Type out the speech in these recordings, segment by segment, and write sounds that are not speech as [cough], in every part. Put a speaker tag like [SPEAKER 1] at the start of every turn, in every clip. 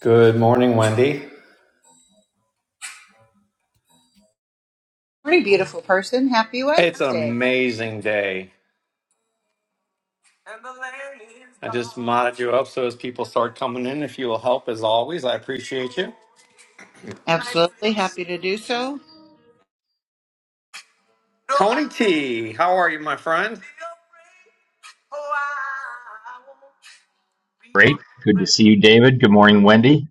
[SPEAKER 1] Good morning, Wendy.
[SPEAKER 2] Morning, beautiful person. Happy
[SPEAKER 1] It's an
[SPEAKER 2] Wednesday.
[SPEAKER 1] amazing day. I just modded you up so as people start coming in, if you will help as always, I appreciate you.
[SPEAKER 2] Absolutely happy to do so.
[SPEAKER 1] Tony T, how are you, my friend?
[SPEAKER 3] Great. Good to see you, David. Good morning, Wendy.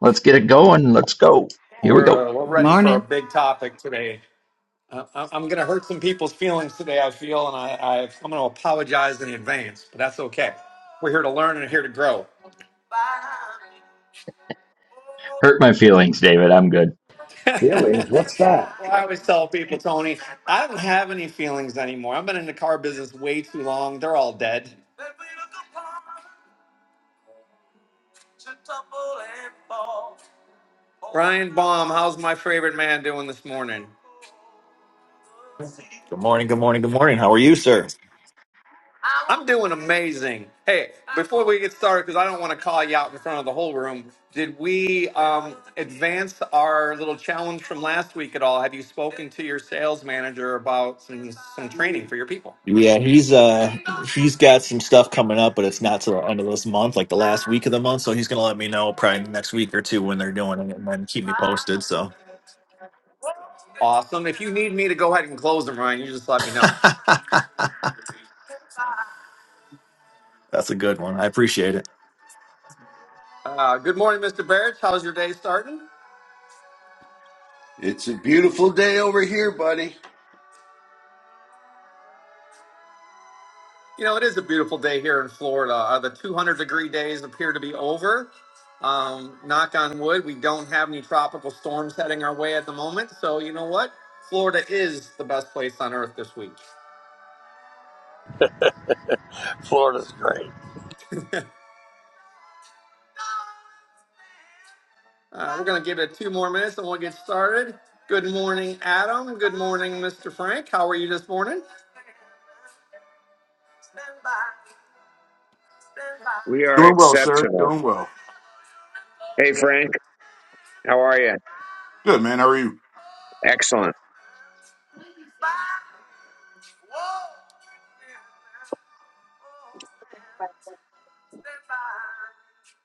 [SPEAKER 3] Let's get it going. Let's go. Here we go.
[SPEAKER 1] We're uh, we're ready for a
[SPEAKER 2] Morning.
[SPEAKER 1] big topic today. Uh, I- I'm going to hurt some people's feelings today. I feel, and I, I I'm going to apologize in advance, but that's okay. We're here to learn and here to grow.
[SPEAKER 3] Hurt my feelings, David. I'm good.
[SPEAKER 1] [laughs]
[SPEAKER 4] Feelings? What's that?
[SPEAKER 1] Well, I always tell people, Tony, I don't have any feelings anymore. I've been in the car business way too long. They're all dead. Brian Baum, how's my favorite man doing this morning?
[SPEAKER 5] Good morning, good morning, good morning. How are you, sir?
[SPEAKER 1] I'm doing amazing. Hey, before we get started, because I don't want to call you out in front of the whole room, did we um, advance our little challenge from last week at all? Have you spoken to your sales manager about some, some training for your people?
[SPEAKER 5] Yeah, he's uh he's got some stuff coming up, but it's not till the end of this month, like the last week of the month. So he's gonna let me know probably next week or two when they're doing it and then keep me posted. So
[SPEAKER 1] Awesome. If you need me to go ahead and close them, Ryan, you just let me
[SPEAKER 5] [laughs]
[SPEAKER 1] know.
[SPEAKER 5] that's a good one. I appreciate it.
[SPEAKER 1] Uh, good morning, Mr. Barrett. How's your day starting?
[SPEAKER 6] It's a beautiful day over here, buddy.
[SPEAKER 1] You know, it is a beautiful day here in Florida. Uh, the 200 degree days appear to be over. Um, knock on wood, we don't have any tropical storms heading our way at the moment. So, you know what? Florida is the best place on earth this week.
[SPEAKER 7] Florida's great.
[SPEAKER 1] Uh, we're going to give it two more minutes and we'll get started. Good morning, Adam. Good morning, Mr. Frank. How are you this morning?
[SPEAKER 8] We are
[SPEAKER 9] Doing well, sir.
[SPEAKER 8] exceptional.
[SPEAKER 9] Doing well.
[SPEAKER 8] Hey, Frank, how are you?
[SPEAKER 9] Good, man. How are you?
[SPEAKER 8] Excellent.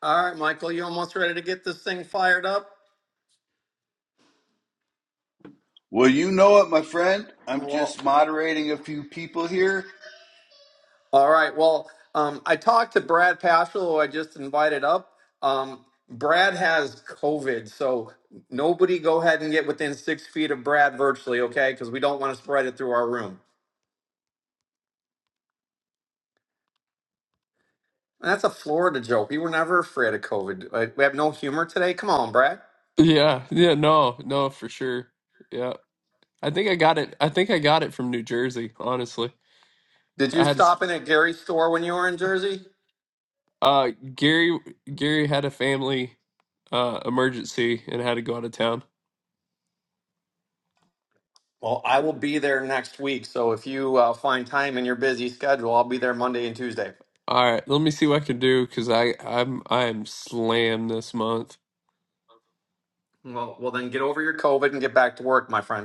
[SPEAKER 1] All right, Michael, you almost ready to get this thing fired up?
[SPEAKER 6] Well, you know it, my friend. I'm
[SPEAKER 1] Well.
[SPEAKER 6] just moderating a few people here.
[SPEAKER 1] All right. Well, um, I talked to Brad Paschal, who I just invited up. Um, Brad has COVID, so nobody go ahead and get within six feet of Brad virtually, okay? Because we don't want to spread it through our room. And that's a Florida joke. We were never afraid of COVID. Like, we have no humor today. Come on, Brad.
[SPEAKER 10] Yeah, yeah, no, no, for sure. Yeah. I think I got it. I think I got it from New Jersey, honestly.
[SPEAKER 1] Did you
[SPEAKER 10] I had s-
[SPEAKER 1] stop in at Gary's store when you were in Jersey?
[SPEAKER 10] uh Gary Gary had a family uh emergency and had to go out of town.
[SPEAKER 1] Well, I will be there next week. So if you uh, find time in your busy schedule, I'll be there Monday and Tuesday.
[SPEAKER 10] All right, let me see what I can do because I I'm I am slammed this month.
[SPEAKER 1] Well, well, then get over your COVID and get back to work, my friend.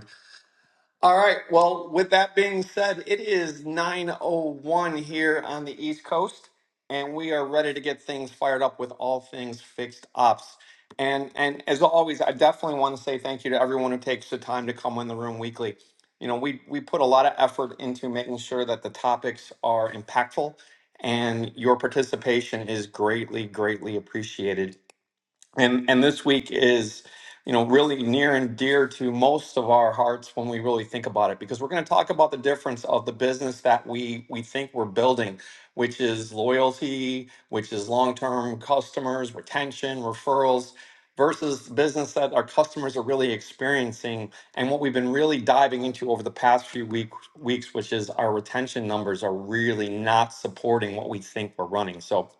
[SPEAKER 1] All right. Well, with that being said, it is 9:01 here on the East Coast and we are ready to get things fired up with all things fixed ops. And and as always, I definitely want to say thank you to everyone who takes the time to come in the room weekly. You know, we we put a lot of effort into making sure that the topics are impactful and your participation is greatly greatly appreciated and and this week is you know really near and dear to most of our hearts when we really think about it because we're going to talk about the difference of the business that we we think we're building which is loyalty which is long-term customers retention referrals versus the business that our customers are really experiencing and what we've been really diving into over the past few week, weeks which is our retention numbers are really not supporting what we think we're running so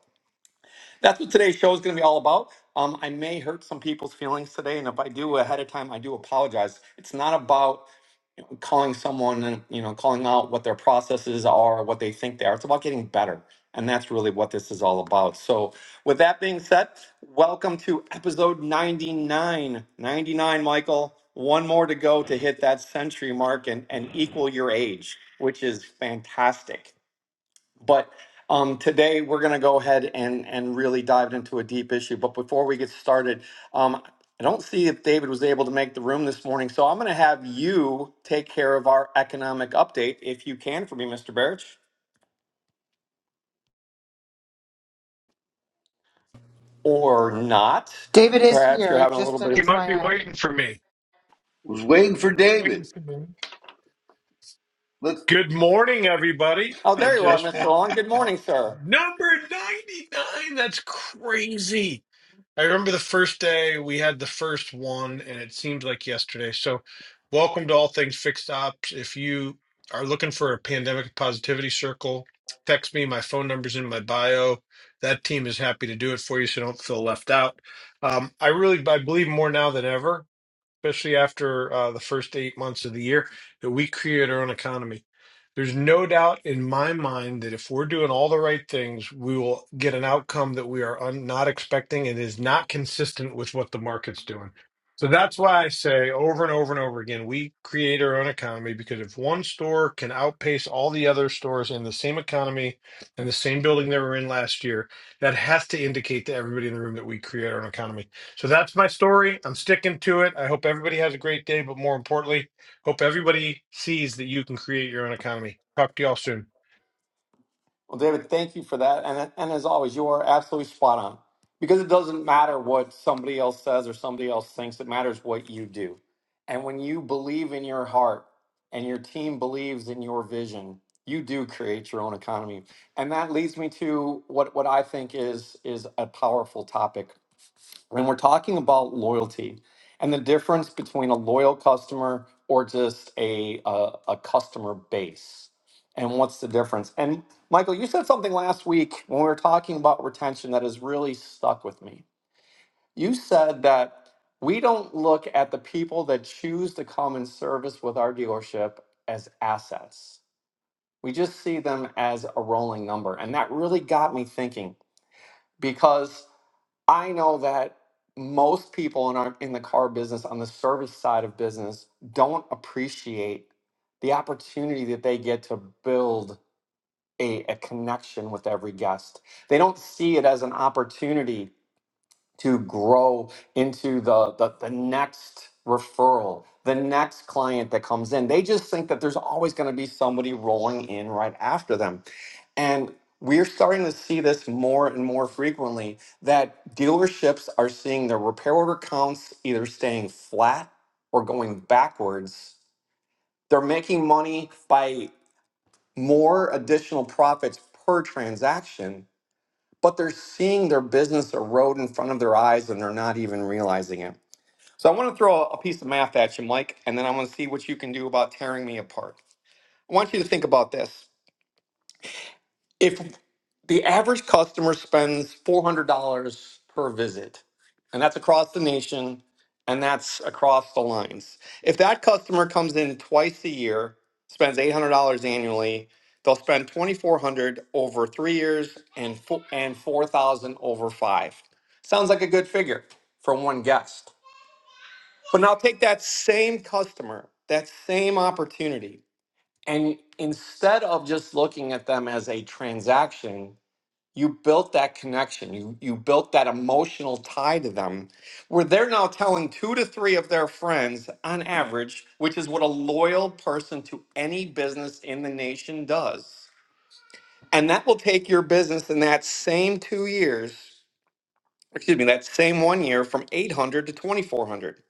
[SPEAKER 1] that's what today's show is going to be all about. Um, I may hurt some people's feelings today, and if I do ahead of time, I do apologize. It's not about calling someone and you know calling out what their processes are, what they think they are. It's about getting better, and that's really what this is all about. So, with that being said, welcome to episode 99. 99, Michael. One more to go to hit that century mark and, and equal your age, which is fantastic. But um, today we're going to go ahead and and really dive into a deep issue. But before we get started, um, I don't see if David was able to make the room this morning, so I'm going to have you take care of our economic update if you can for me, Mr. Barrich, or not.
[SPEAKER 2] David is
[SPEAKER 1] Perhaps you're
[SPEAKER 2] here,
[SPEAKER 1] having a
[SPEAKER 2] just
[SPEAKER 1] little
[SPEAKER 2] an
[SPEAKER 1] bit.
[SPEAKER 11] You
[SPEAKER 1] Of...
[SPEAKER 11] might be
[SPEAKER 2] FYI.
[SPEAKER 11] waiting for me.
[SPEAKER 6] Was waiting
[SPEAKER 11] I
[SPEAKER 6] for
[SPEAKER 11] might be waiting
[SPEAKER 6] David.
[SPEAKER 11] for me.
[SPEAKER 6] Let's.
[SPEAKER 11] Good morning, everybody.
[SPEAKER 1] Oh,
[SPEAKER 11] I
[SPEAKER 1] there you are,
[SPEAKER 11] just
[SPEAKER 1] Mr.
[SPEAKER 11] want
[SPEAKER 1] Long. Good morning, sir.
[SPEAKER 11] number 99. That's crazy. I remember the first day we had the first one, and it seems like yesterday. So, welcome to All Things Fixed Ops. If you are looking for a pandemic positivity circle, text me. My phone number's in my bio. That team is happy to do it for you so don't feel left out. Um, I really I believe more now than ever especially after uh, the first eight months of the year, that we create our own economy. There's no doubt in my mind that if we're doing all the right things, we will get an outcome that we are un- not expecting and is not consistent with what the market's doing. So that's why I say over and over and over again, we create our own economy because if one store can outpace all the other stores in the same economy and the same building they were in last year, that has to indicate to everybody in the room that we create our own economy. So that's my story. I'm sticking to it. I hope everybody has a great day, but more importantly, hope everybody sees that you can create your own economy. Talk to y'all soon.
[SPEAKER 1] Well, David, thank you for that. And, and as always, you are absolutely spot on because it doesn't matter what somebody else says or somebody else thinks, it matters what you do. And when you believe in your heart and your team believes in your vision, you do create your own economy. And that leads me to what, what I think is, is a powerful topic when we're talking about loyalty and the difference between a loyal customer or just a, a, a customer base and what's the difference and michael you said something last week when we were talking about retention that has really stuck with me you said that we don't look at the people that choose to come and service with our dealership as assets we just see them as a rolling number and that really got me thinking because I know that most people in our in the car business on the service side of business don't appreciate the opportunity that they get to build a, a connection with every guest. They don't see it as an opportunity to grow into the, the the next referral, the next client that comes in. They just think that there's always going to be somebody rolling in right after them. And we're starting to see this more and more frequently that dealerships are seeing their repair order counts either staying flat or going backwards. They're making money by more additional profits per transaction but they're seeing their business erode in front of their eyes and they're not even realizing it. So I want to throw a piece of math at you, Mike, and then I want to see what you can do about tearing me apart. I want you to think about this if the average customer spends $400 per visit, and that's across the nation and that's across the lines, if that customer comes in twice a year, spends $800 annually, they'll spend 2400 over three years and, fo- and 4000 over five. Sounds like a good figure for one guest. But now take that same customer, that same opportunity, and instead of just looking at them as a transaction, you built that connection you you built that emotional tie to them where they're now telling two to three of their friends on average which is what a loyal person to any business in the nation does and that will take your business in that same two years excuse me that same one year from 800 to 2400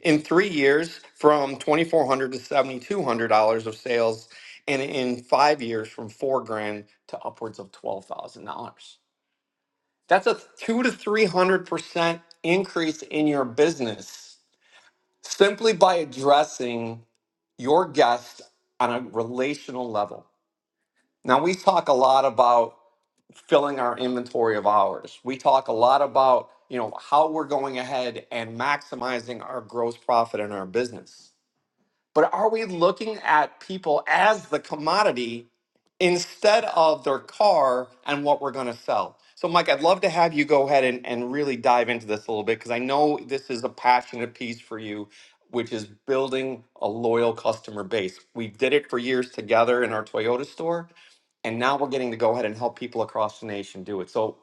[SPEAKER 1] in three years from 2400 to 7200 dollars of sales and in five years from four grand to upwards of $12000 that's a two to three hundred percent increase in your business simply by addressing your guest on a relational level. Now we talk a lot about filling our inventory of hours. We talk a lot about you know how we're going ahead and maximizing our gross profit in our business. But are we looking at people as the commodity instead of their car and what we're going to sell? So, Mike, I'd love to have you go ahead and, and really dive into this a little bit because I know this is a passionate piece for you, which is building a loyal customer base. We did it for years together in our Toyota store, and now we're getting to go ahead and help people across the nation do it. So,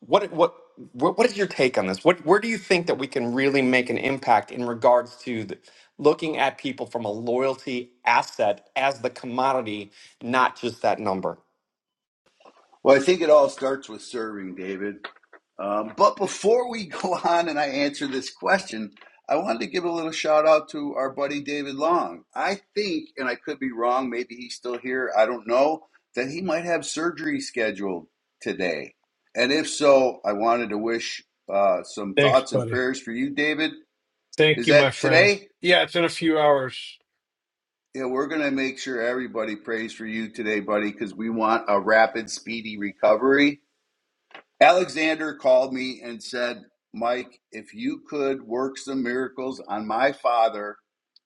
[SPEAKER 1] what what what what is your take on this? What where do you think that we can really make an impact in regards to the, looking at people from a loyalty asset as the commodity, not just that number?
[SPEAKER 6] Well, I think it all starts with serving, David. Um, but before we [laughs] go on and I answer this question, I wanted to give a little shout out to our buddy David Long. I think, and I could be wrong, maybe he's still here. I don't know that he might have surgery scheduled today. And if so, I wanted to wish uh, some
[SPEAKER 11] Thanks,
[SPEAKER 6] thoughts and
[SPEAKER 11] buddy.
[SPEAKER 6] prayers for you, David.
[SPEAKER 11] Thank
[SPEAKER 6] Is
[SPEAKER 11] you,
[SPEAKER 6] that
[SPEAKER 11] my friend.
[SPEAKER 6] today?
[SPEAKER 11] Yeah, it's in a few hours.
[SPEAKER 6] Yeah, we're going to make sure everybody prays for you today, buddy, because we want a rapid, speedy recovery. Alexander called me and said, Mike, if you could work some miracles on my father,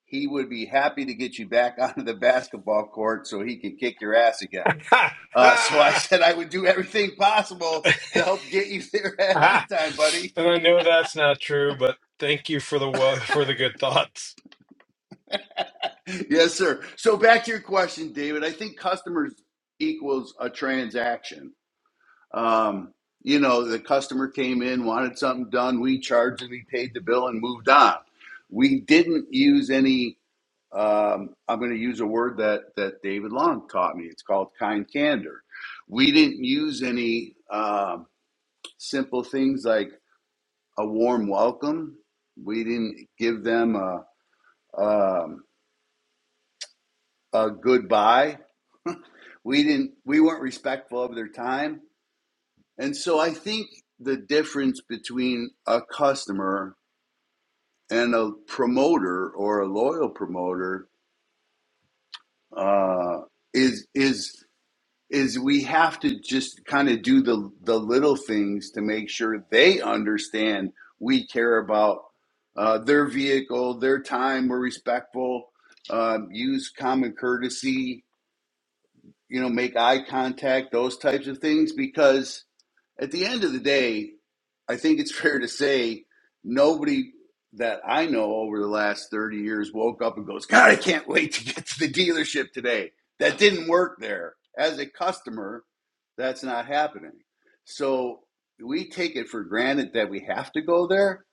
[SPEAKER 6] he would be happy to get you back [laughs] onto the basketball court so he could kick your ass again.
[SPEAKER 11] Ha
[SPEAKER 6] Uh, so I [laughs]
[SPEAKER 11] ha
[SPEAKER 6] said I would do everything possible
[SPEAKER 11] [laughs]
[SPEAKER 6] to help get you [laughs] there ahead of time, buddy.
[SPEAKER 11] And I know that's not true, but thank you for the wo- for the good thoughts.
[SPEAKER 6] [laughs] Yes, sir. So back to your question, David. I think customers equals a transaction. Um, you know, the customer came in, wanted something done, we charged and we paid the bill and moved on. We didn't use any, um, I'm going to use a word that, that David Long taught me. It's called kind candor. We didn't use any um, simple things like a warm welcome. We didn't give them a, um, a goodbye. We didn't. We weren't respectful of their time. And so I think the difference between a customer and a promoter or a loyal promoter uh, is is is we have to just kind of do the the little things to make sure they understand we care about uh, their vehicle, their time. We're respectful. Um, use common courtesy you know, make eye contact, those types of things, because at the end of the day, I think it's [laughs] fair to say nobody that I know over the last 30 years woke up and goes, God, I can't wait to get to the dealership today. That didn't work there. As a customer, that's not happening. So we take it for granted that we have to go there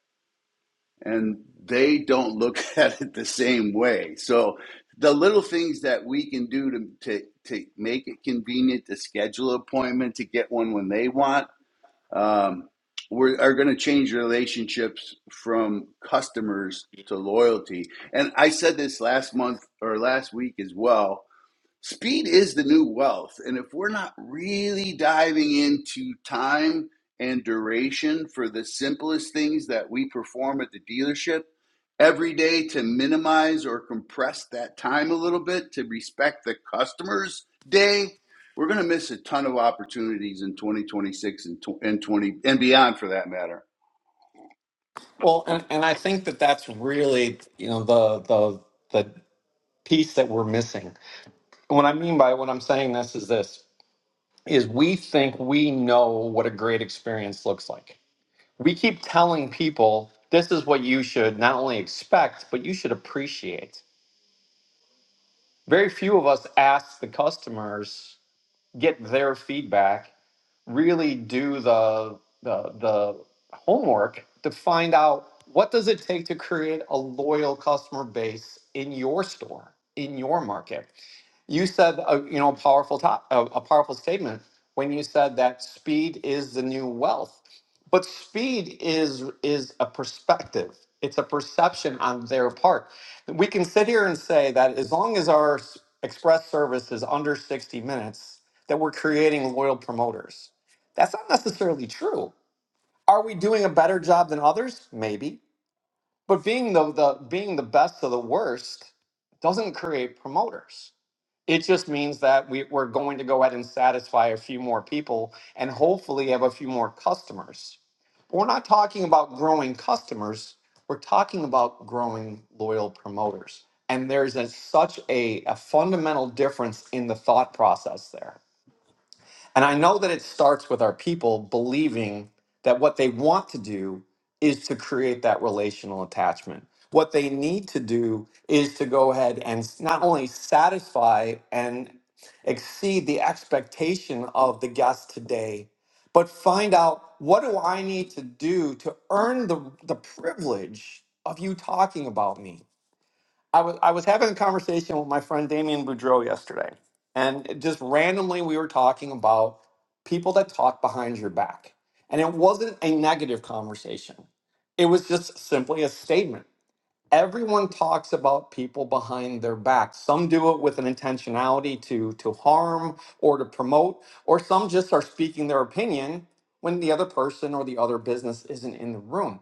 [SPEAKER 6] and they don't look [laughs] at it the same way. So the little things that we can do to to, to make it convenient to schedule an appointment to get one when they want um, we're, are going to change relationships from customers to loyalty. And I said this last month or last week as well speed is the new wealth. And if we're not really diving into time and duration for the simplest things that we perform at the dealership every day to minimize or compress that time a little bit to respect the customer's day, we're going to miss a ton of opportunities in 2026 and, tw- and 20 and beyond for that matter.
[SPEAKER 1] Well, and, and I think that that's really you know the the the piece that we're missing. And what I mean by what I'm saying this is this is we think we know what a great experience looks like. We keep telling people this is what you should not only expect but you should appreciate very few of us ask the customers, get their feedback really do the the the homework to find out what does it take to create a loyal customer base in your store in your market you said a, you know a powerful top, a, a powerful statement when you said that speed is the new wealth but speed is is a perspective it's a perception on their part we can sit here and say that as long as our s- express service is under 60 minutes that we're creating loyal promoters that's not necessarily true. Are we doing a better job than others? Maybe. But being the, the being the best of the worst doesn't create promoters. It just means that we, we're going to go ahead and satisfy a few more people and hopefully have a few more customers. But We're not talking about growing customers. We're talking about growing loyal promoters. And there's a, such a, a fundamental difference in the thought process there. And I know that it starts with our people believing that what they want to do is to create that relational attachment. What they need to do is to go ahead and s- not only satisfy and exceed the expectation of the guest today, but find out what do I need to do to earn the, the privilege of you talking about me? I was I was having a conversation with my friend Damien Boudreau yesterday, and just randomly we were talking about people that talk behind your back, and it wasn't a negative conversation. It was just simply a statement everyone talks about people behind their back. Some do it with an intentionality to to harm or to promote, or some just are speaking their opinion when the other person or the other business isn't in the room.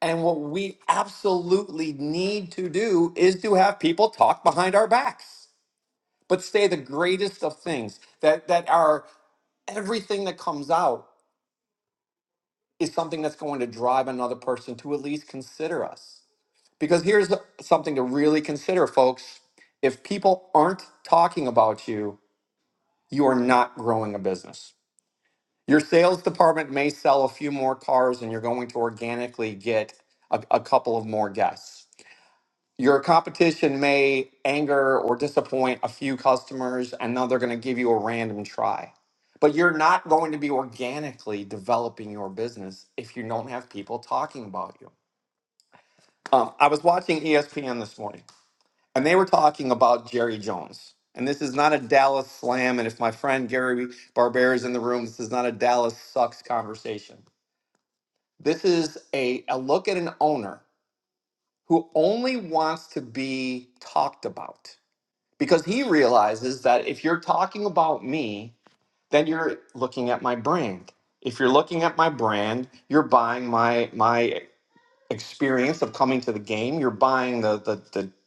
[SPEAKER 1] And what we absolutely need to do is to have people talk behind our backs, but say the greatest of things that that are everything that comes out is something that's going to drive another person to at least consider us. Because here's the- something to really consider, folks. If people aren't talking about you, you are not growing a business. Your sales department may sell a few more cars and you're going to organically get a, a couple of more guests. Your competition may anger or disappoint a few customers and now they're going to give you a random try. But you're not going to be organically developing your business if you don't have people talking about you. Um, I was watching ESPN this morning and they were talking about Jerry Jones. And this is not a Dallas slam. And if my friend Gary Barbera is in the room, this is not a Dallas sucks conversation. This is a, a look at an owner who only wants to be talked about because he realizes that if you're talking about me, then you're looking at my brand. If you're looking at my brand, you're buying my my experience of coming to the game. You're buying the the, the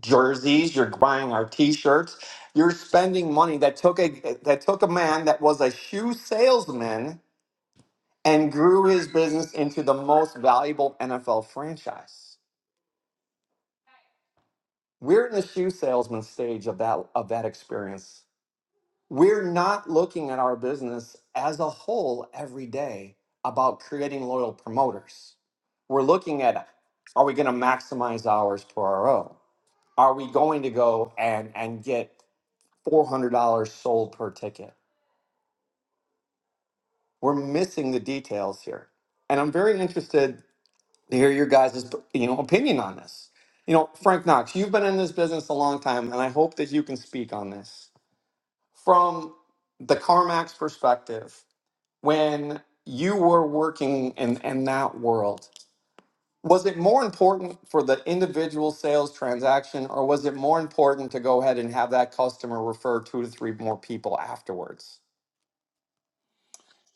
[SPEAKER 1] jerseys, you're buying our t-shirts, you're spending money that took a that took a man that was a shoe salesman and grew his business into the most valuable NFL franchise. We're in the shoe salesman stage of that of that experience. We're not looking at our business as a whole every day about creating loyal promoters. We're looking at are we going to maximize hours per RO? Are we going to go and and get $400 sold per ticket. We're missing the details here. And I'm very interested to hear your guys' you know, opinion on this. You know, Frank Knox, you've been in this business a long time, and I hope that you can speak on this. From the CarMax perspective, when you were working in, in that world, was it more important for the individual sales transaction, or was it more important to go ahead and have that customer refer two to three more people afterwards?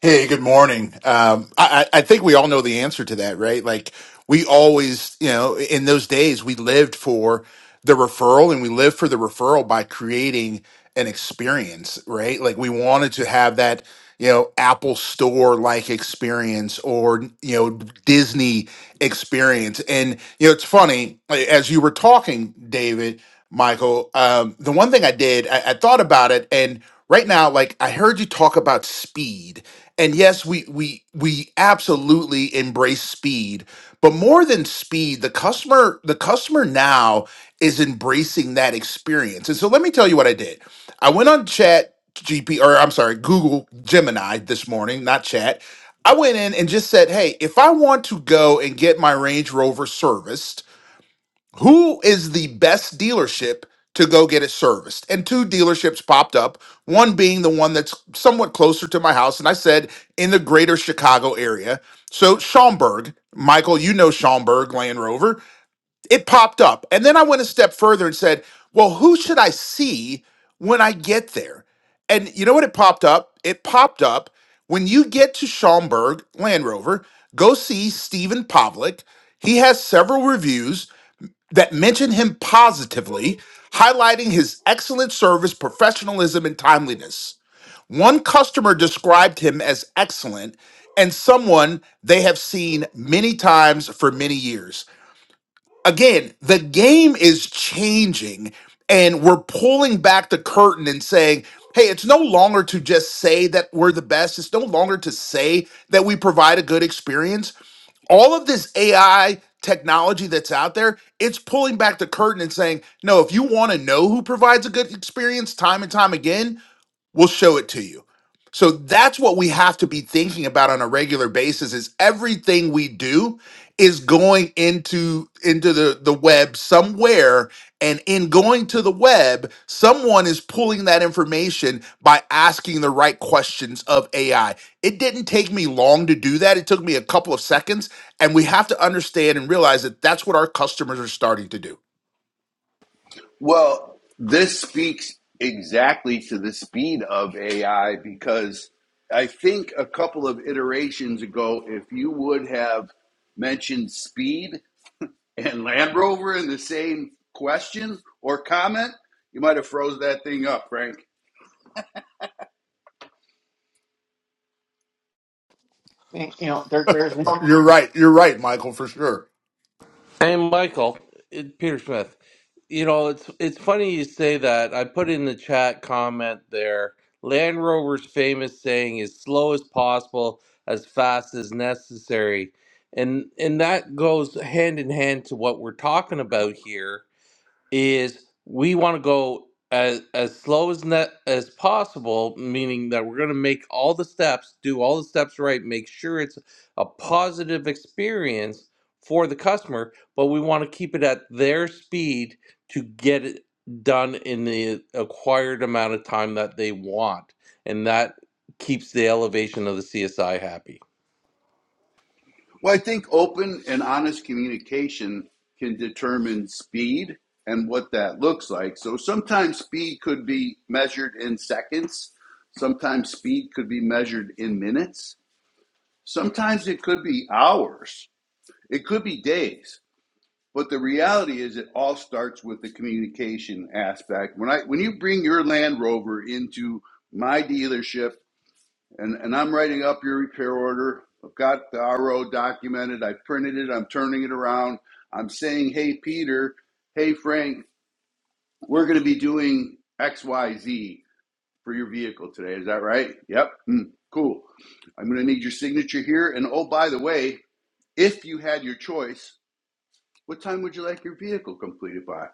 [SPEAKER 9] Hey, good morning. Um, I, I I think we all know the answer to that, right? Like we always, you know, in those days we lived for the referral and we lived for the referral by creating an experience, right? Like we wanted to have that, you know, Apple store like experience or, you know, Disney experience. And, you know, it's funny, like, as you were talking, David, Michael, um, the one thing I did, I, I thought about it and right now, like I heard you talk about speed and yes we we we absolutely embrace speed but more than speed the customer the customer now is embracing that experience and so let me tell you what i did i went on chat gp or i'm sorry google gemini this morning not chat i went in and just said hey if i want to go and get my range rover serviced who is the best dealership to go get it serviced? And two dealerships popped up, one being the one that's somewhat closer to my house. And I said in the greater Chicago area. So Schaumburg, Michael, you know Schaumburg Land Rover, it popped up. And then I went a step further and said, well, who should I see when I get there? And you know what it popped up? It popped up when you get to Schaumburg Land Rover, go see Stephen Pavlik. He has several reviews that mention him positively, highlighting his excellent service, professionalism, and timeliness. One customer described him as excellent and someone they have seen many times for many years again, the game is changing and we're pulling back the curtain and saying, hey, it's no longer to just say that we're the best. It's no longer to say that we provide a good experience. All of this AI technology that's out there, it's pulling back the curtain and saying, no, if you want to know who provides a good experience time and time again, We'll show it to you. So that's what we have to be thinking about on a regular basis is everything we do is going into into the the web somewhere and in going to the web someone is pulling that information by asking the right questions of AI. It didn't take me long to do that. It took me a couple of seconds and we have to understand and realize that that's what our customers are starting to do.
[SPEAKER 6] Well, this speaks exactly to the speed of AI because I think a couple of iterations ago, if you would have mentioned speed and Land Rover in the same question or comment, you might have froze that thing up, Frank.
[SPEAKER 1] You know, there, there's no
[SPEAKER 9] You're right. You're right, Michael, for sure.
[SPEAKER 12] And Michael, it, Peter Smith, you know, it's it's funny you say that. I put in the chat comment there. Land Rover's famous saying is slow as possible, as fast as necessary. And and that goes hand in hand to what we're talking about here is we want to go as as slow as net as possible, meaning that we're going to make all the steps, do all the steps right, make sure it's a positive experience for the customer, but we want to keep it at their speed to get it done in the acquired amount of time that they want, and that keeps the elevation of the CSI happy.
[SPEAKER 6] Well, I think open and honest communication can determine speed and what that looks like. So sometimes speed could be measured in seconds, sometimes speed could be measured in minutes, sometimes it could be hours, it could be days. But the reality is, it all starts with the communication aspect. When I when you bring your Land Rover into my dealership and and I'm writing up your repair order. I've got the RO documented. I printed it. I'm turning it around. I'm saying, hey Peter, hey Frank, we're going to be doing X Y Z for your vehicle today. Is that right? Yep. Hmm, cool. I'm going to need your signature here. And oh, by the way, if you had your choice, what time would you like your vehicle completed by?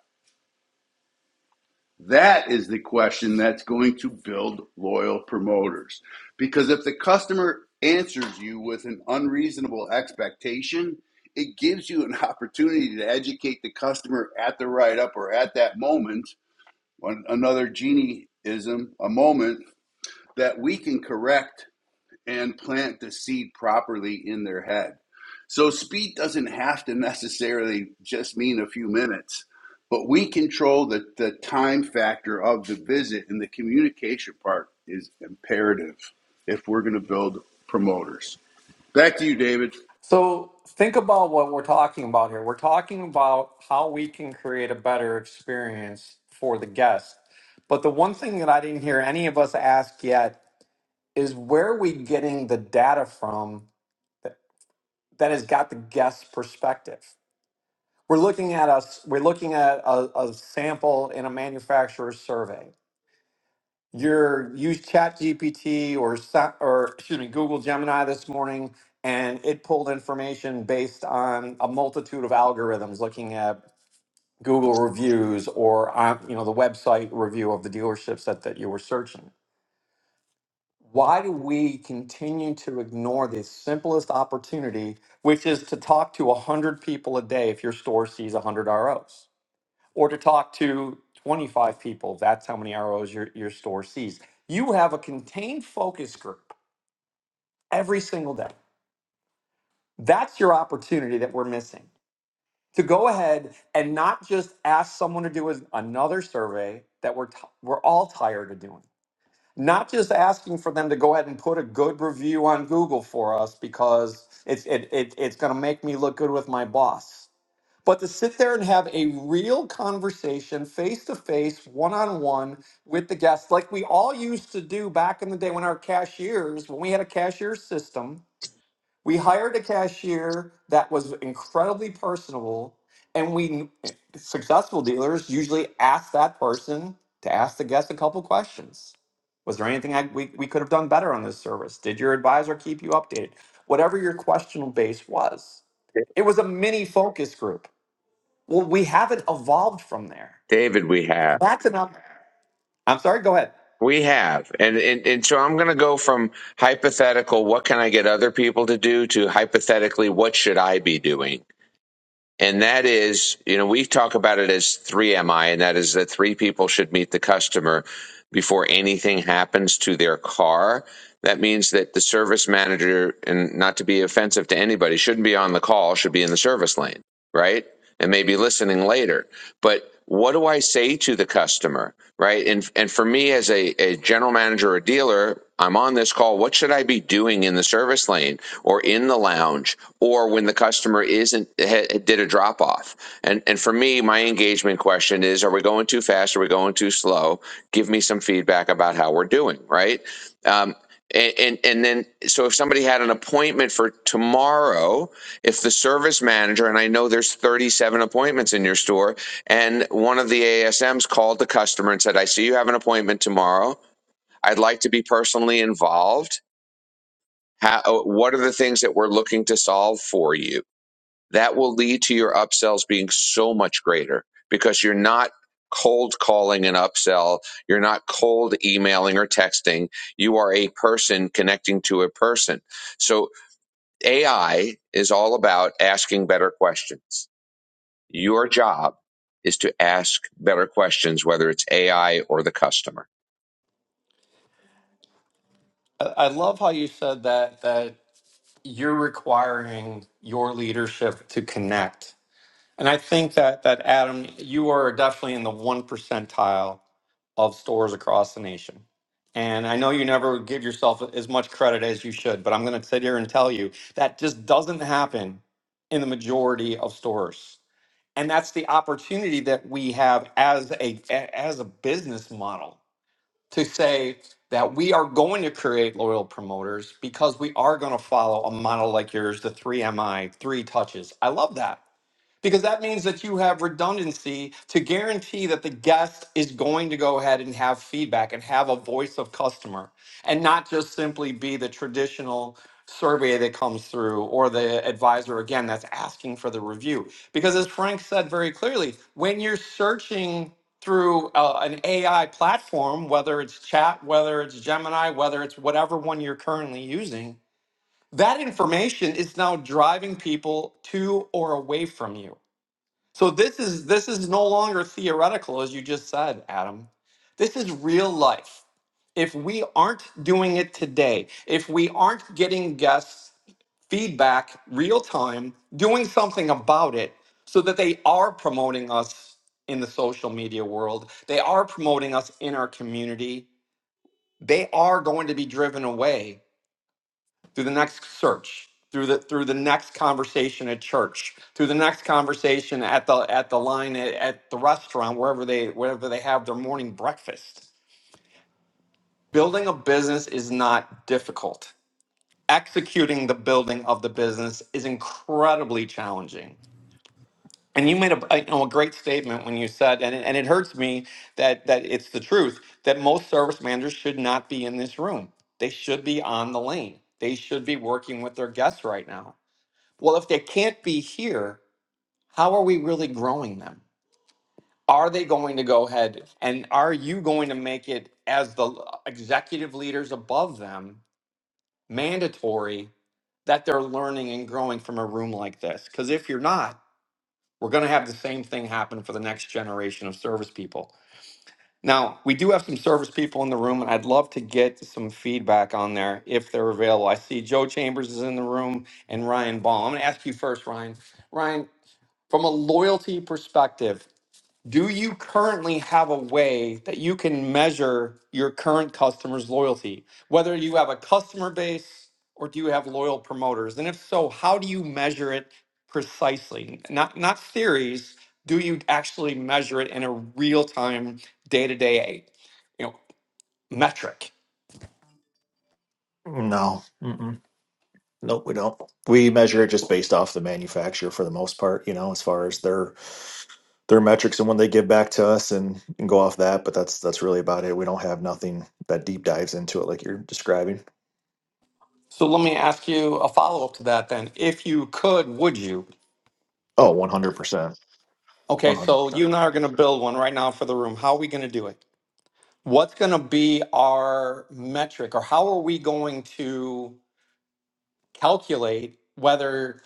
[SPEAKER 6] That is the question that's going to build loyal promoters. Because if the customer answers you with an unreasonable expectation, it gives you an [laughs] opportunity to educate the customer at the write up or at that moment, on another genieism, a moment that we can correct and plant the seed properly in their head. So speed doesn't have to necessarily just mean a few minutes, but we control the, the time factor of the visit, and the communication part is imperative if we're going to build promoters. Back to you, David.
[SPEAKER 1] So think about what we're talking about here. We're talking about how we can create a better experience for the guest. But the one thing that I didn't hear any of us ask yet is where are we getting the data from that, that has got the guest's perspective? We're looking at us, we're looking at a, a sample in a manufacturer's survey. You use chat gpt or Sa- or excuse me google gemini this morning and it pulled information based on a multitude of algorithms looking at google reviews or on you know the website review of the dealerships that, that you were searching why do we continue to ignore the simplest opportunity which is to talk to 100 people a day if your store sees 100 ros or to talk to 25 people. That's how many ROs your, your store sees. You have a contained focus group every single day. That's your opportunity that we're missing to go ahead and not just ask someone to do an- another survey that we're, t- we're all tired of doing. Not just asking for them to go ahead and put a good review on Google for us because it's, it, it, it's going to make me look good with my boss But to sit there and have a real conversation face to face, one on one with the guests, like we all used to do back in the day when our cashiers, when we had a cashier system, we hired a cashier that was incredibly personable. And we, successful dealers, usually ask that person to ask the guest a couple questions. Was there anything I, we, we could have done better on this service? Did your advisor keep you updated? Whatever your question base was, it was a mini focus group well, we haven't evolved from there.
[SPEAKER 8] David, we have.
[SPEAKER 1] That's an up. I'm sorry. Go ahead.
[SPEAKER 8] We have. And, and, and so I'm going to go from hypothetical, what can I get other people to do, to hypothetically, what should I be doing? And that is, you know, we talk about it as 3MI, and that is that three people should meet the customer before anything happens to their car. That means that the service manager, and not to be offensive to anybody, shouldn't be on the call, should be in the service lane, right? And maybe listening later but what do I say to the customer, right? And and for me as a, a general manager or dealer, I'm on this call. What should I be doing in the service lane or in the lounge or when the customer isn't did a drop off? And and for me, my engagement question is: Are we going too fast? Are we going too slow? Give me some feedback about how we're doing, right? Um, and, and and then so if somebody had an appointment for tomorrow, if the service manager and I know there's 37 appointments in your store, and one of the ASMs called the customer and said, "I see you have an appointment tomorrow. I'd like to be personally involved. How, what are the things that we're looking to solve for you?" that will lead to your upsells being so much greater because you're not cold calling an upsell. You're not cold emailing or texting. You are a person connecting to a person. So AI is all about asking better questions. Your job is to ask better questions, whether it's AI or the customer.
[SPEAKER 1] I I love how you said that that you're requiring your leadership to connect. And I think that that Adam, you are definitely in the one percentile of stores across the nation. And I know you never give yourself as much credit as you should, but I'm going to sit here and tell you that just doesn't happen in the majority of stores. And that's the opportunity that we have as a a- as a business model to say that we are going to create loyal promoters because we are going to follow a model like yours, the three MI, three touches. I love that because that means that you have redundancy to guarantee that the guest is going to go ahead and have feedback and have a voice of customer and not just simply be the traditional survey that comes through or the advisor again that's asking for the review because as frank said very clearly when you're searching through uh, an ai platform whether it's chat whether it's gemini whether it's whatever one you're currently using that information is now driving people to or away from you so this is this is no longer theoretical, as you just said, Adam. This is real life. If we aren't doing it today, if we aren't getting guests feedback real time, doing something about it so that they are promoting us in the social media world, they are promoting us in our community, they are going to be driven away through the next search through the through the next conversation at church through the next conversation at the at the line at, at the restaurant wherever they wherever they have their morning breakfast building a business is not difficult executing the building of the business is incredibly challenging and you made a, a- you know, a great statement when you said and it, and it hurts me that that it's the truth that most service managers should not be in this room they should be on the lane they should be working with their guests right now Well, if they can't be here, how are we really growing them? Are they going to go ahead and are you going to make it as the executive leaders above them mandatory that they're learning and growing from a room like this? Because if you're not, we're going to have the same thing happen for the next generation of service people. Now, we do have some service people in the room, and I'd love to get some feedback on there if they're available. I see Joe Chambers is in the room and Ryan Baum. I'm going to ask you first, Ryan. Ryan, From a loyalty perspective, do you currently have a way that you can measure your current customers' loyalty? Whether you have a customer base or do you have loyal promoters? And if so, how do you measure it precisely? Not not theories, do you actually measure it in a real-time day-to-day, you know, metric?
[SPEAKER 5] No. Mm-mm. Nope, we don't. We measure it just based off the manufacturer for the most part, you know, as far as their their metrics and when they give back to us and, and go off that, but that's that's really about it. We don't have nothing that deep dives into it like you're describing.
[SPEAKER 1] So let me ask you a follow-up to that then. If you could, would you?
[SPEAKER 5] Oh, 100%.
[SPEAKER 1] Okay,
[SPEAKER 5] One hundred
[SPEAKER 1] so you
[SPEAKER 5] percent.
[SPEAKER 1] and I are going to build one right now for the room. How are we going to do it? what's going to be our metric or how are we going to calculate whether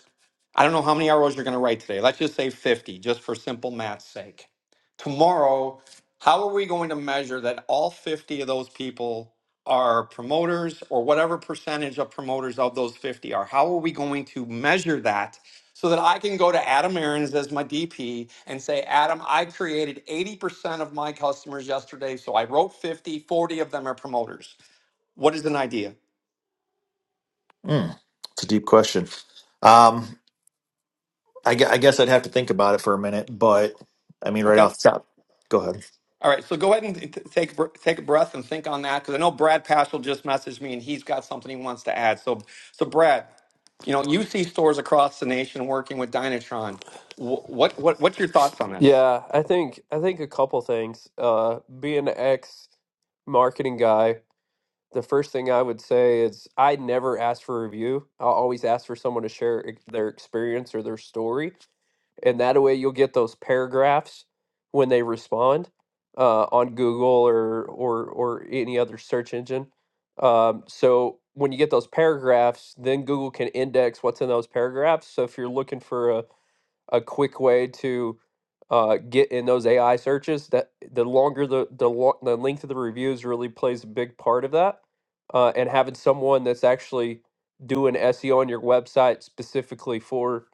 [SPEAKER 1] I don't know how many arrows you're going to write today. Let's just say 50, just for simple math's sake. Tomorrow, how are we going to measure that all 50 of those people are promoters or whatever percentage of promoters of those 50 are? How are we going to measure that so that I can go to Adam Aarons as my DP and say, Adam, I created 80% of my customers yesterday, so I wrote 50, 40 of them are promoters. What is an idea?
[SPEAKER 5] Mm, It's a deep question. Um, I, gue- I guess I'd have to think about it for a minute, but I mean, right
[SPEAKER 1] Okay.
[SPEAKER 5] off the top, go ahead.
[SPEAKER 1] All right, so go ahead and t- take br- take a breath and think on that because I know Brad Paschal just messaged me and he's got something he wants to add. So, so Brad, you know you see stores across the nation working with Dynatron. Wh- What what what's your thoughts on this?
[SPEAKER 10] Yeah, I think I think a couple things. Uh being an ex marketing guy the first thing I would say is I never ask for a review. I'll always ask for someone to share ex- their experience or their story, and that way you'll get those paragraphs when they respond uh, on Google or or or any other search engine. Um, so when you get those paragraphs, then Google can index what's in those paragraphs. So if you're looking for a a quick way to uh, get in those AI searches. That the longer the the, lo- the length of the reviews really plays a big part of that, uh, and having someone that's actually doing SEO on your website specifically for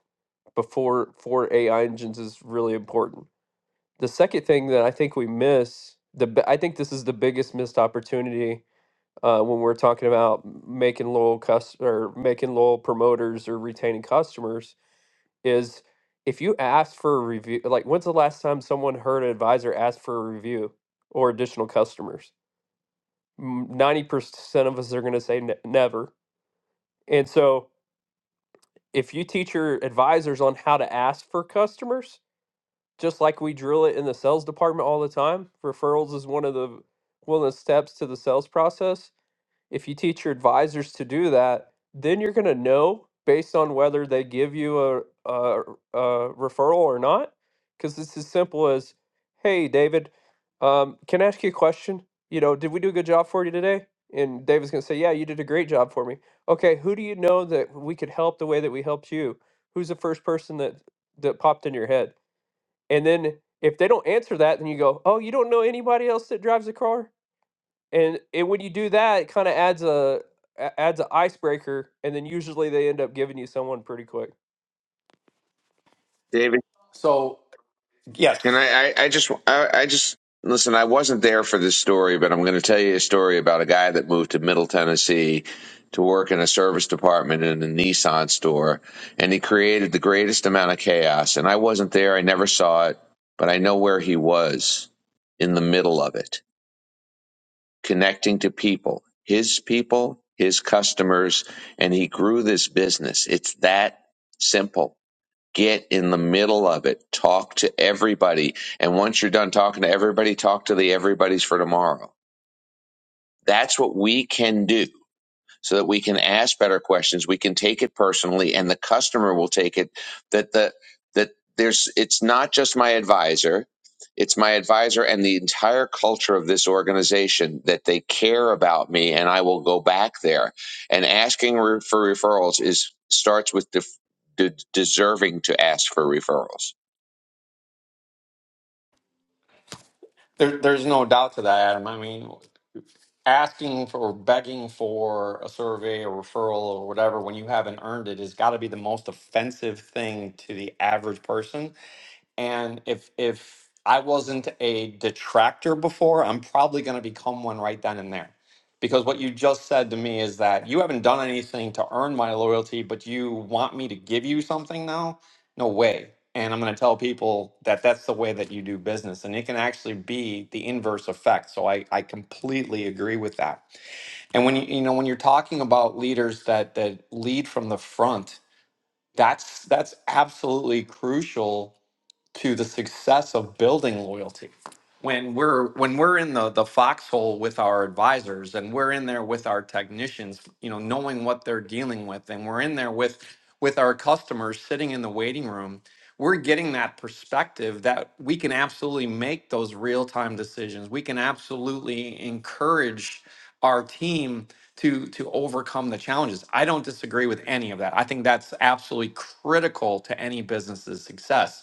[SPEAKER 10] before for AI engines is really important. The second thing that I think we miss the bi- I think this is the biggest missed opportunity uh, when we're talking about making loyal cus- or making loyal promoters or retaining customers is if you ask for a review, like when's the last time someone heard an advisor ask for a review or additional customers? 90% of us are going to say ne- never. And so if you teach your advisors on how to ask for customers, just like we drill it in the sales department all the time, referrals is one of the one of the steps to the sales process if you teach your advisors to do that, then you're going to know based on whether they give you a, a, a referral or not. Because it's as simple as, hey, David, um, can I ask you a question? You know, did we do a good job for you today? And David's going to say, yeah, you did a great job for me. Okay, who do you know that we could help the way that we helped you? Who's the first person that that popped in your head? And then if they don't answer that, then you go, oh, you don't know anybody else that drives a car? and and when you do that, it kind of adds a a- adds an icebreaker, and then usually they end up giving you someone pretty quick.
[SPEAKER 8] David.
[SPEAKER 1] So yes,
[SPEAKER 8] And I, I, I just, I, I just listen. I wasn't there for this story, but I'm going to tell you a story about a guy that moved to Middle Tennessee to work in a service department in a Nissan store, and he created the greatest amount of chaos. And I wasn't there; I never saw it, but I know where he was in the middle of it, connecting to people, his people, his customers, and he grew this business. It's that simple Get in the middle of it. Talk to everybody. And once you're done talking to everybody, talk to the everybody's for tomorrow. That's what we can do so that we can ask better questions. We can take it personally and the customer will take it that the, that there's, it's not just my advisor. It's my advisor and the entire culture of this organization that they care about me and I will go back there. And asking re- for referrals is starts with def- de- deserving to ask for referrals
[SPEAKER 1] there, there's no doubt to that, Adam. I mean, asking for or begging for a survey or referral or whatever when you haven't earned it has got to be the most offensive thing to the average person And if if I wasn't a detractor before, I'm probably going to become one right then and there. Because what you just said to me is that you haven't done anything to earn my loyalty, but you want me to give you something now? No way. And I'm going to tell people that that's the way that you do business. And it can actually be the inverse effect. So I, I completely agree with that. And when you, you know, when you're talking about leaders that, that lead from the front, that's, that's absolutely crucial to the success of building loyalty. When we're when we're in the the foxhole with our advisors and we're in there with our technicians, you know, knowing what they're dealing with, and we're in there with with our customers sitting in the waiting room, we're getting that perspective that we can absolutely make those real-time decisions. We can absolutely encourage our team to to overcome the challenges. I don't disagree with any of that. I think that's absolutely critical to any business's success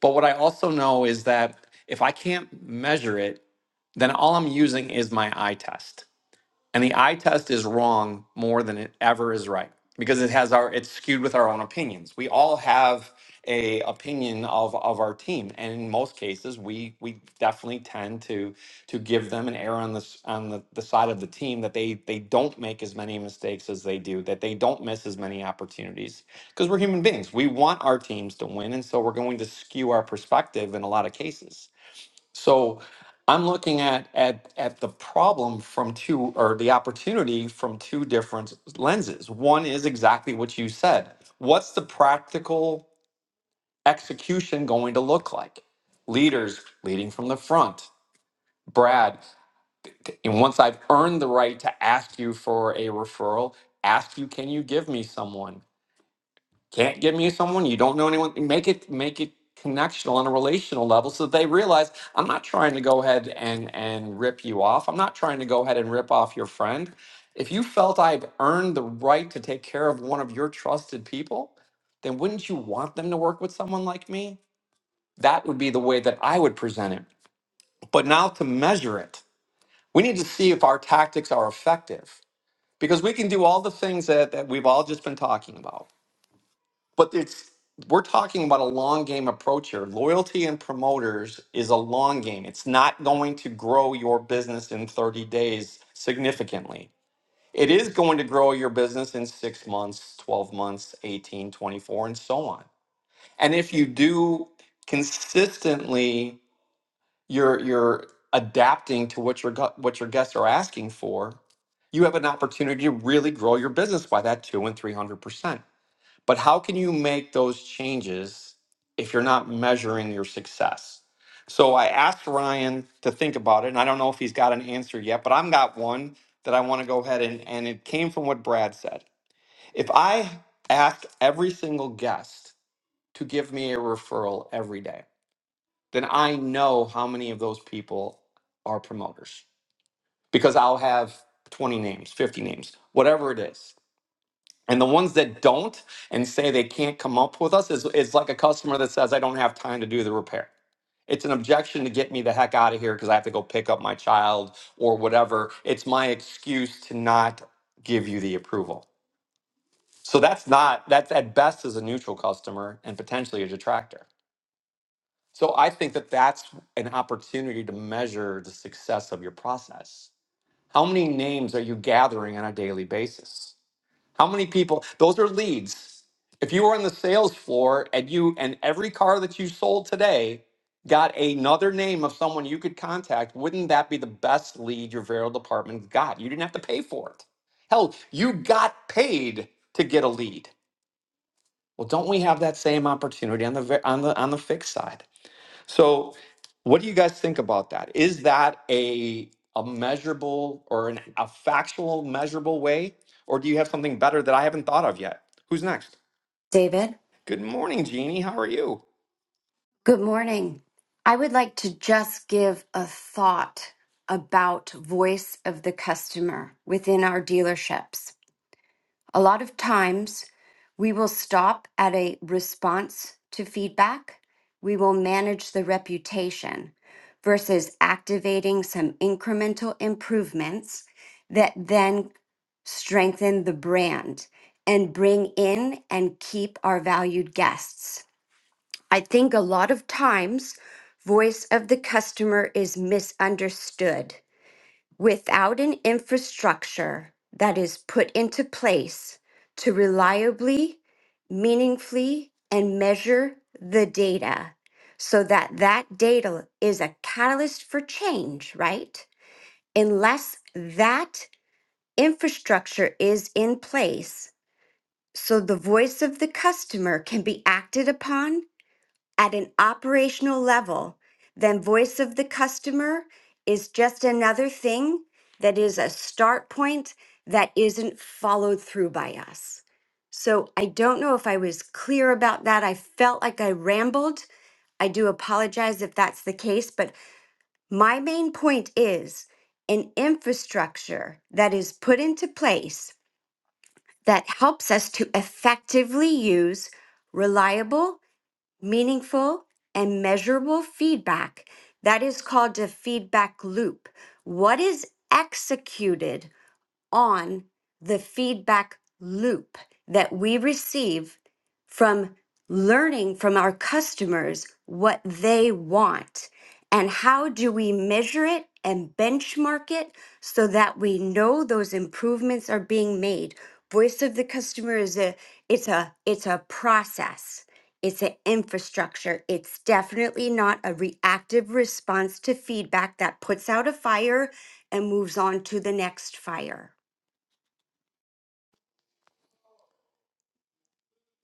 [SPEAKER 1] but what I also know is that if I can't measure it, then all I'm using is my eye test. And the eye test is wrong more than it ever is right because it has our it's skewed with our own opinions. We all have a opinion of of our team, and in most cases, we we definitely tend to to give them an error on this on the, the side of the team that they they don't make as many mistakes as they do, that they don't miss as many opportunities because we're human beings. We want our teams to win, and so we're going to skew our perspective in a lot of cases. So I'm looking at at at the problem from two or the opportunity from two different lenses. One is exactly what you said. What's the practical execution going to look like? Leaders leading from the front. Brad, t- and once I've earned the right to ask you for a referral, ask you, can you give me someone? Can't give me someone you don't know anyone. Make it make it connectional on a relational level so that they realize I'm not trying to go ahead and and rip you off. I'm not trying to go ahead and rip off your friend. If you felt I've earned the right to take care of one of your trusted people, then wouldn't you want them to work with someone like me? That would be the way that I would present it. But now to measure it, we need to see if our tactics are effective because we can do all the things that, that we've all just been talking about but it's we're talking about a long game approach here. Loyalty and promoters is a long game. It's not going to grow your business in 30 days significantly. It is going to grow your business in 6 months, 12 months, 18, 24, and so on. And if you do consistently you're you're adapting to what your gu- what your guests are asking for, you have an opportunity to really grow your business by that 2 and 300%. But how can you make those changes if you're not measuring your success? So I asked Ryan to think about it, and I don't know if he's got an answer yet, but I've got one that I want to go ahead and, and it came from what Brad said. If I ask every single guest to give me a referral every day, then I know how many of those people are promoters because I'll have 20 names, 50 names, whatever it is. And the ones that don't and say they can't come up with us is, is like a customer that says, I don't have time to do the repair. It's an objection to get me the heck out of here because I have to go pick up my child or whatever. It's my excuse to not give you the approval. So that's not, that's at best is a neutral customer and potentially a detractor. So I think that that's an opportunity to measure the success of your process. How many names are you gathering on a daily basis? How many people? Those are leads. If you were on the sales floor and you and every car that you sold today got another name of someone you could contact, wouldn't that be the best lead your Vero department got? You didn't have to pay for it. Hell, you got paid to get a lead. Well, don't we have that same opportunity on the ve- on the on the fixed side? So, what do you guys think about that? Is that a a measurable or an, a factual measurable way, or do you have something better that I haven't thought of yet? Who's next?
[SPEAKER 13] David,
[SPEAKER 1] Good morning, Jeannie. How are you?
[SPEAKER 13] good morning. I would like to just give a thought about voice of the customer within our dealerships. A lot of times we will stop at a response to feedback, we will manage the reputation versus activating some incremental improvements that then strengthen the brand and bring in and keep our valued guests. I think a lot of times voice of the customer is misunderstood. Without an infrastructure that is put into place to reliably, meaningfully and measure the data so that that data is a catalyst for change, right? Unless that infrastructure is in place so the voice of the customer can be acted upon at an operational level, then voice of the customer is just another thing that is a start point that isn't followed through by us. So I don't know if I was clear about that. I felt like I rambled. I do apologize if that's the case, but my main point is an infrastructure that is put into place that helps us to effectively use reliable meaningful, and measurable feedback. That is called a feedback loop. What is executed on the feedback loop that we receive from learning from our customers what they want. And how do we measure it and benchmark it so that we know those improvements are being made? Voice of the customer is a it's a it's a process. It's an infrastructure. It's definitely not a reactive response to feedback that puts out a fire and moves on to the next fire.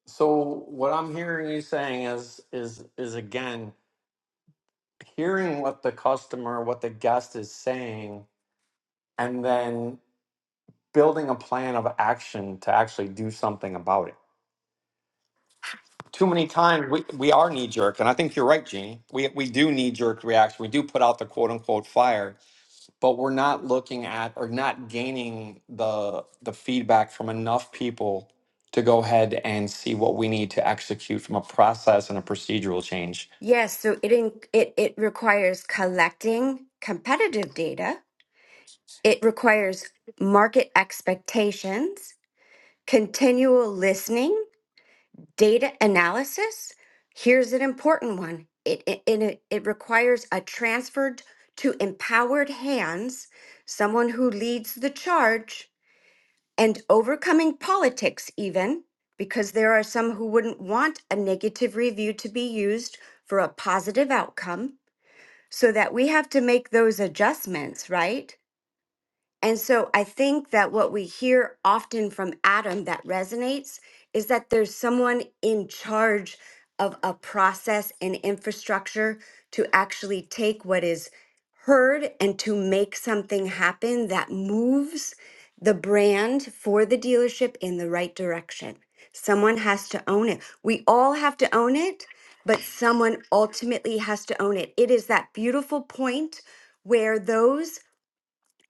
[SPEAKER 1] So, what I'm hearing you saying is is is again hearing what the customer, what the guest is saying, and then building a plan of action to actually do something about it. too many times we, we are knee jerk, and I think you're right, Jeannie. We we do knee jerk reaction. We do put out the quote unquote fire, but we're not looking at or not gaining the the feedback from enough people to go ahead and see what we need to execute from a process and a procedural change.
[SPEAKER 13] Yes, so it in, it it requires collecting competitive data. It requires market expectations, continual listening, data analysis. Here's an important one. It it it, it it requires a transferred to empowered hands, someone who leads the charge and overcoming politics even because there are some who wouldn't want a negative review to be used for a positive outcome so that we have to make those adjustments, right? And so I think that what we hear often from Adam that resonates is that there's someone in charge of a process and infrastructure to actually take what is heard and to make something happen that moves the brand for the dealership in the right direction. Someone has to own it. We all have to own it, but someone ultimately has to own it. It is that beautiful point where those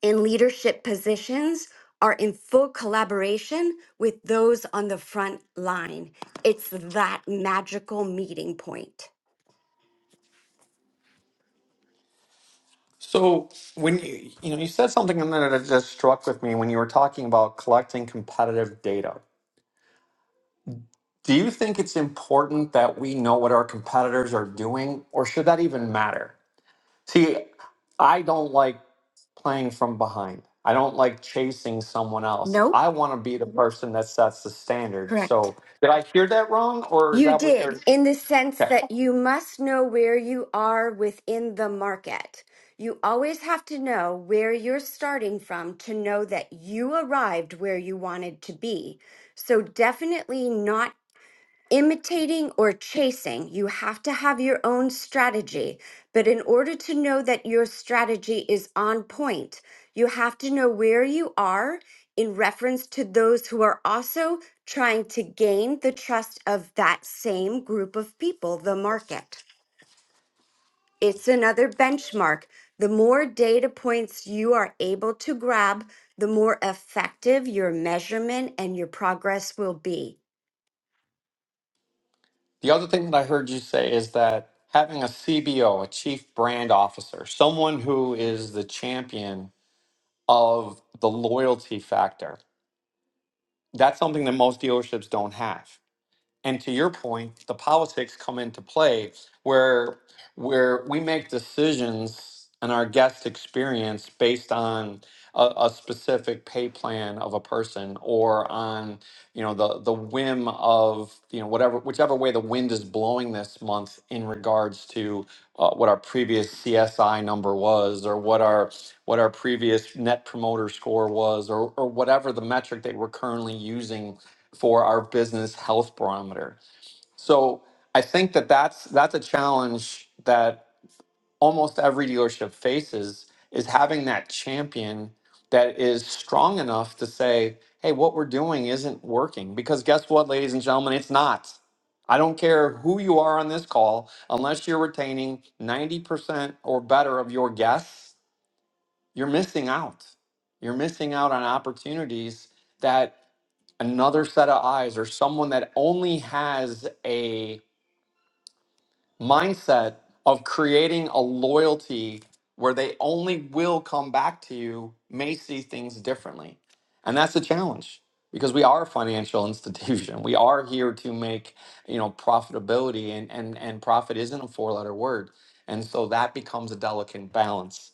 [SPEAKER 13] in leadership positions are in full collaboration with those on the front line. It's that magical meeting point.
[SPEAKER 1] So when you you know you said something in there that just struck with me when you were talking about collecting competitive data. Do you think it's important that we know what our competitors are doing, or should that even matter? See, I don't like playing from behind. I don't like chasing someone else.
[SPEAKER 13] No?
[SPEAKER 1] I want to be the person that sets the standard.
[SPEAKER 13] Correct.
[SPEAKER 1] So, did I hear that wrong, or is
[SPEAKER 13] You
[SPEAKER 1] that what? Or,
[SPEAKER 13] did, in the sense
[SPEAKER 1] okay.
[SPEAKER 13] that you must know where you are within the market. You always have to know where you're starting from to know that you arrived where you wanted to be. So, definitely not imitating or chasing. You have to have your own strategy. But in order to know that your strategy is on point, you have to know where you are in reference to those who are also trying to gain the trust of that same group of people, the market. It's another benchmark. The more data points you are able to grab, the more effective your measurement and your progress will be.
[SPEAKER 1] The other thing that I heard you say is that having a CBO, a chief brand officer, someone who is the champion of the loyalty factor, that's something that most dealerships don't have. and to your point, the politics come into play where where we make decisions and our guest experience based on a, a specific pay plan of a person or on you know the the whim of you know whatever whichever way the wind is blowing this month in regards to uh, what our previous CSI number was or what our what our previous net promoter score was or or whatever the metric that we're currently using for our business health barometer. So I think that that's that's a challenge that almost every dealership faces is having that champion that is strong enough to say, "Hey, what we're doing isn't working." Because guess what, ladies and gentlemen, it's not. I don't care who you are on this call, unless you're retaining 90% or better of your guests, you're missing out. You're missing out on opportunities that another set of eyes or someone that only has a mindset of creating a loyalty where they only will come back to you may see things differently. And that's the challenge because we are a financial [laughs] institution. We are here to make, you know, profitability and and and profit isn't a four-letter word. And so that becomes a delicate balance.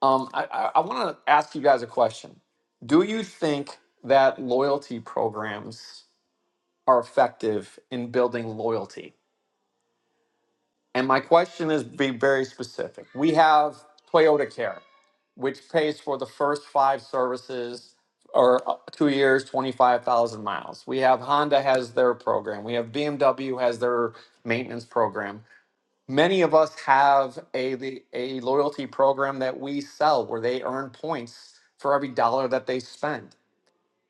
[SPEAKER 1] Um, I, I, I want to ask you guys a question. Do you think that loyalty programs are effective in building loyalty. And my question is be very specific. We have Toyota Care, which pays for the first five services or uh, two years, 25,000 miles. We have Honda has their program. We have BMW has their maintenance program. Many of us have a, a loyalty program that we sell where they earn points for every dollar that they spend.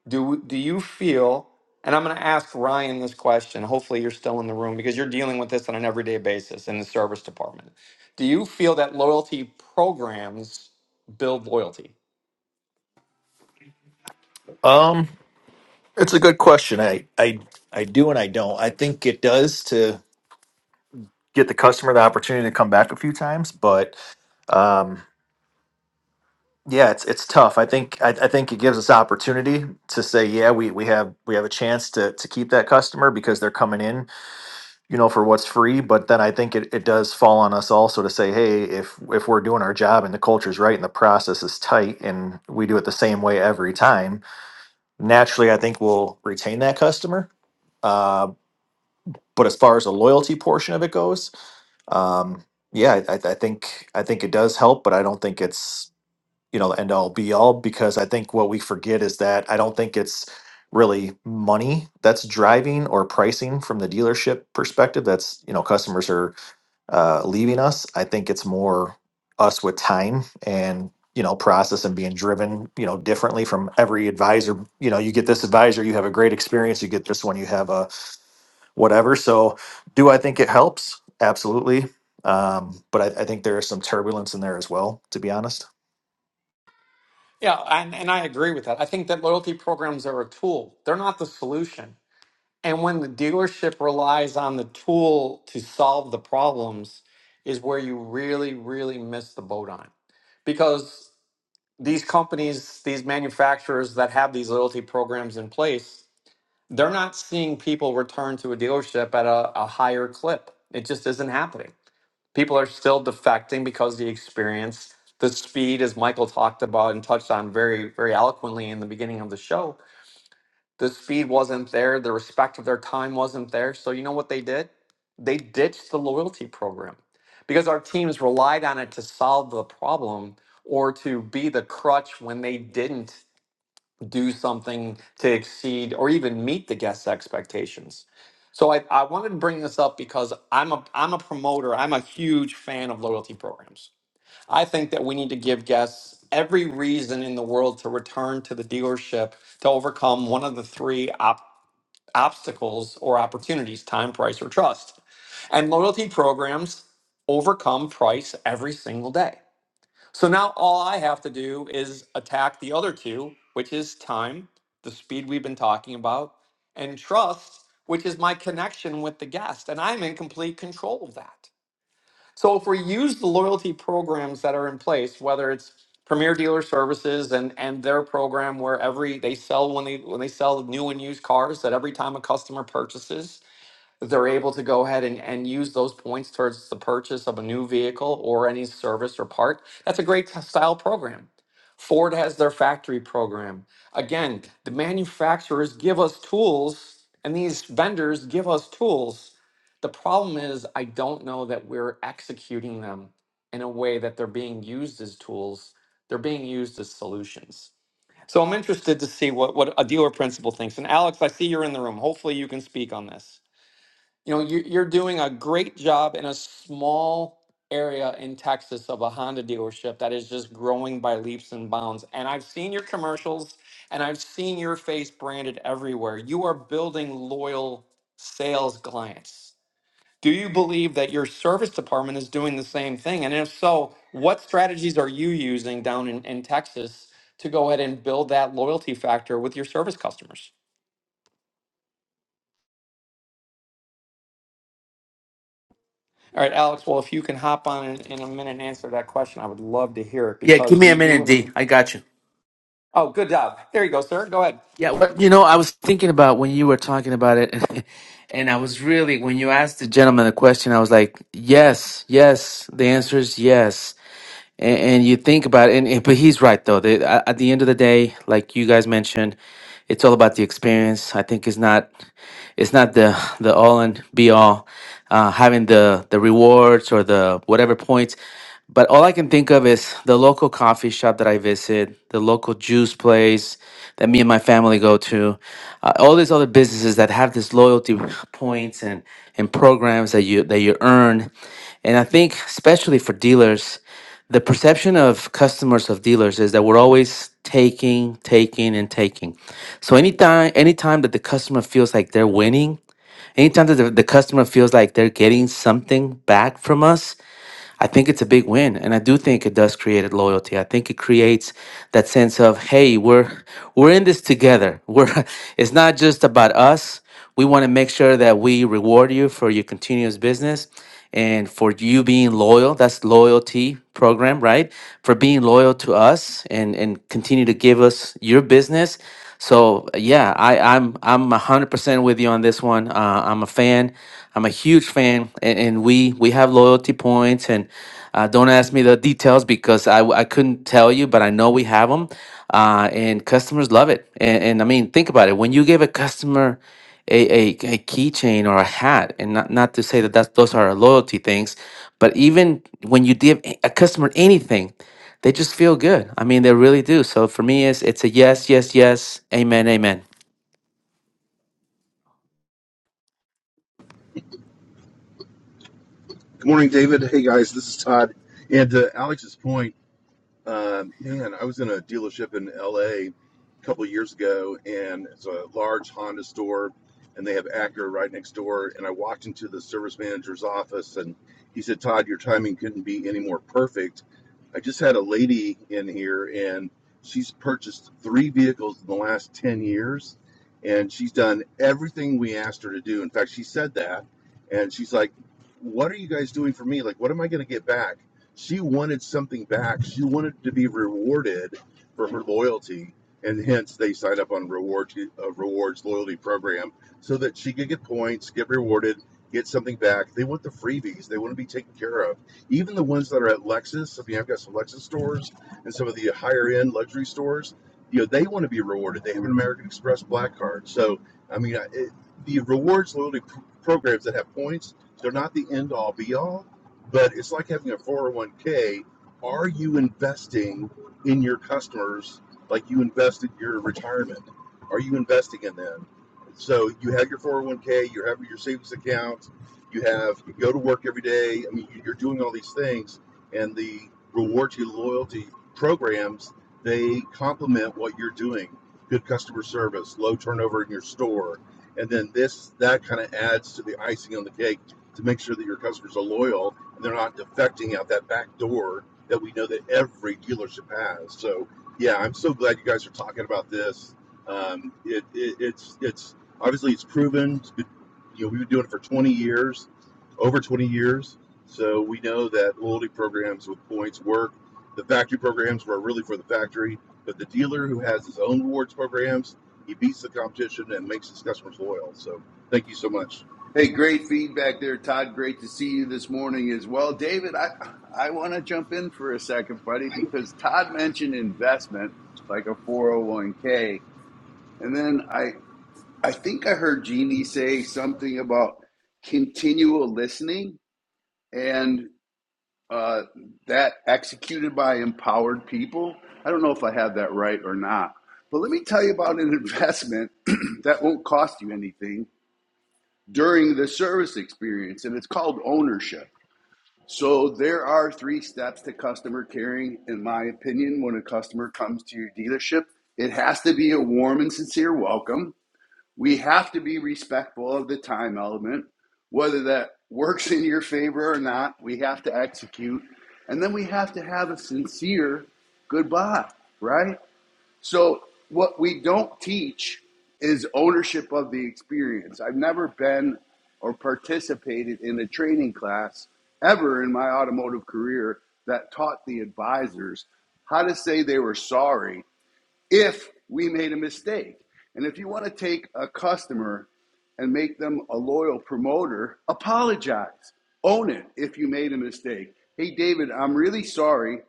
[SPEAKER 1] Do do you feel? And I'm going to ask Ryan this question. Hopefully, you're still in the room because you're dealing with this on an everyday basis in the service department. Do you feel that loyalty programs build loyalty?
[SPEAKER 5] Um, it's a good question. I, I, I do and I don't. I think it does to get the customer the opportunity to come back a few times, but um, yeah, it's it's tough. I think I, I think it gives us opportunity to say, yeah, we we have we have a chance to to keep that customer because they're coming in, you know, for what's free. But then I think it, it does fall on us also to say, hey, if if we're doing our job and the culture's right and the process is tight and we do it the same way every time, naturally, I think we'll retain that customer. Uh, but as far as the loyalty portion of it goes, um, yeah, I, I I think I think it does help, but I don't think it's you know the end all be all because I think what we forget is that I don't think it's really money that's driving or pricing from the dealership perspective. That's you know customers are uh, leaving us. I think it's more us with time and you know process and being driven you know differently from every advisor. You know you get this advisor, you have a great experience. You get this one, you have a whatever. So, do I think it helps? Absolutely. Um, but I, I think there is some turbulence in there as well, to be honest.
[SPEAKER 1] Yeah, and, and I agree with that. I think that loyalty programs are a tool. They're not the solution. And when the dealership relies on the tool to solve the problems, is where you really, really miss the boat on. it. Because these companies, these manufacturers that have these loyalty programs in place, they're not seeing people return to a dealership at a, a higher clip. It just isn't happening. People are still defecting because the experience, the speed, as Michael talked about and touched on very, very eloquently in the beginning of the show, the speed wasn't there. The respect of their time wasn't there. So you know what they did? They ditched the loyalty program because our teams relied on it to solve the problem or to be the crutch when they didn't do something to exceed or even meet the guests' expectations. So I, I wanted to bring this up because I'm a I'm a promoter. I'm a huge fan of loyalty programs. I think that we need to give guests every reason in the world to return to the dealership to overcome one of the three op obstacles or opportunities, time, price, or trust. And loyalty programs overcome price every single day. So now all I have to do is attack the other two, which is time, the speed we've been talking about, and trust, which is my connection with the guest. And I'm in complete control of that. So if we use the loyalty programs that are in place, whether it's Premier Dealer Services and and their program where every they sell when they when they sell new and used cars that every time a customer purchases, they're able to go ahead and, and use those points towards the purchase of a new vehicle or any service or part. That's a great t- style program. Ford has their factory program. Again, the manufacturers give us tools and these vendors give us tools. The problem is, I don't know that we're executing them in a way that they're being used as tools, they're being used as solutions. So I'm interested to see what, what a dealer principal thinks. And Alex, I see you're in the room. Hopefully, you can speak on this. You know, you- you're doing a great job in a small area in Texas of a Honda dealership that is just growing by leaps and bounds. And I've seen your commercials and I've seen your face branded everywhere. You are building loyal sales clients. Do you believe that your service department is doing the same thing? And if so, what strategies are you using down in, in Texas to go ahead and build that loyalty factor with your service customers? All right, Alex. Well, if you can hop on in, in a minute and answer that question, I would love to hear it
[SPEAKER 14] Yeah, give
[SPEAKER 1] because
[SPEAKER 14] me a
[SPEAKER 1] you do.
[SPEAKER 14] minute, D.
[SPEAKER 1] an-
[SPEAKER 14] I got you.
[SPEAKER 1] Oh, good job. There you go, sir. Go ahead.
[SPEAKER 14] Yeah, what you know, I was thinking about when you were talking about it, [laughs] and I was really when you asked the gentleman the question, I was like, yes, yes. The answer is yes. and, and you think about it, and, and- but he's right though. They, at, at the end of the day, like you guys mentioned, it's all about the experience. I think it's not it's not the the all and be all uh, having the the rewards or the whatever points. But all I can think of is the local coffee shop that I visit, the local juice place that me and my family go to, uh, all these other businesses that have this loyalty points and and programs that you that you earn, and I think especially for dealers the perception of customers of dealers is that we're always taking taking and taking so anytime anytime that the customer feels like they're winning Anytime that the, the customer feels like they're getting something back from us, I think it's a big win, and I do think it does create loyalty. I think it creates that sense of hey, we're we're in this together. We're [laughs] it's not just about us. We want to make sure that we reward you for your continuous business and for you being loyal. That's loyalty program, right? For being loyal to us and and continue to give us your business. So yeah, I, I'm I'm a hundred percent with you on this one. Uh, I'm a fan. I'm a huge fan, and, and we we have loyalty points. And uh, don't ask me the details because I w- I couldn't tell you, but I know we have them, uh, and customers love it. And, and I mean, think about it. When you give a customer a, a, a keychain or a hat and not, not to say that that's, those are loyalty things but even when you give a a customer anything they just feel good i mean they really do so for me it's, it's a yes yes yes amen amen
[SPEAKER 15] Good morning, David. Hey, guys, this is Todd. And to Alex's point, uh, man, I was in a dealership in LA a a couple years ago, and it's a large Honda store, and they have Acura right next door. And I walked into the service manager's office, and he said, "Todd, your timing couldn't be any more perfect. I just had a lady in here, and she's purchased three vehicles in the last ten years, and she's done everything we asked her to do. In fact, she said that, and she's like, 'What are you guys doing for me? Like, what am I going to get back? She wanted something back. She wanted to be rewarded for her loyalty, and hence they signed up on reward uh, rewards loyalty program so that she could get points, get rewarded, get something back. They want the freebies. They want to be taken care of. Even the ones that are at Lexus. I mean, I've got some Lexus stores and some of the higher end luxury stores. You know, they want to be rewarded. They have an American Express Black Card. So, I mean, it, the rewards loyalty pr- programs that have points, they're not the end all be all but it's like having a 401k. Are you investing in your customers like you invested your retirement? Are you investing in them? So you have your 401k, you have your savings account, you have you go to work every day. I mean, you- you're doing all these things, and the reward to loyalty programs they complement what you're doing. Good customer service, low turnover in your store, and then this that kind of adds to the icing on the cake to make sure that your customers are loyal they're not defecting out that back door that we know that every dealership has. So yeah, I'm so glad you guys are talking about this. Um, it, it, it's it's obviously it's proven. It's been, you know, we've been doing it for 20 years, over 20 years. So we know that loyalty programs with points work. The factory programs were really for the factory, but the dealer who has his own rewards programs, he beats the competition and makes his customers loyal. So thank you so much.
[SPEAKER 6] Hey, great feedback there, Todd. Great to see you this morning as well. David, I, I want to jump in for a second, buddy, because Todd mentioned investment like a 401k. And then I, I think I heard Jeannie say something about continual listening and uh, that executed by empowered people. I don't know if I have that right or not. But let me tell you about an investment [clears throat] that won't cost you anything during the service experience, and it's called ownership. So there are three steps to customer caring, in my opinion, when a customer comes to your dealership. It has to be a warm and sincere welcome we have to be respectful of the time element, whether that works in your favor or not. We have to execute, and then we have to have a sincere goodbye, right? So, what we don't teach is ownership of the experience. I've never been or participated in a training class ever in my automotive career that taught the advisors how to say they were sorry if we made a mistake. And if you want to take a customer and make them a loyal promoter, apologize. Own it if you made a mistake. Hey, David, I'm really sorry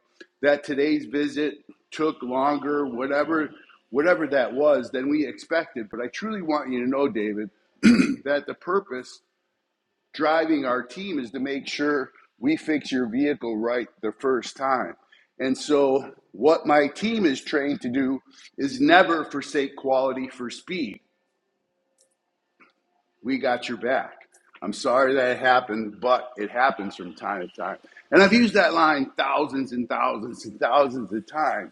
[SPEAKER 6] that today's visit took longer, whatever, whatever that was, than we expected. But I truly want you to know, David, [clears throat] that the purpose driving our team is to make sure we fix your vehicle right the first time. And so, what my team is trained to do is never forsake quality for speed. We got your back. I'm sorry that it happened, but it happens from time to time. And I've used that line thousands and thousands and thousands of times.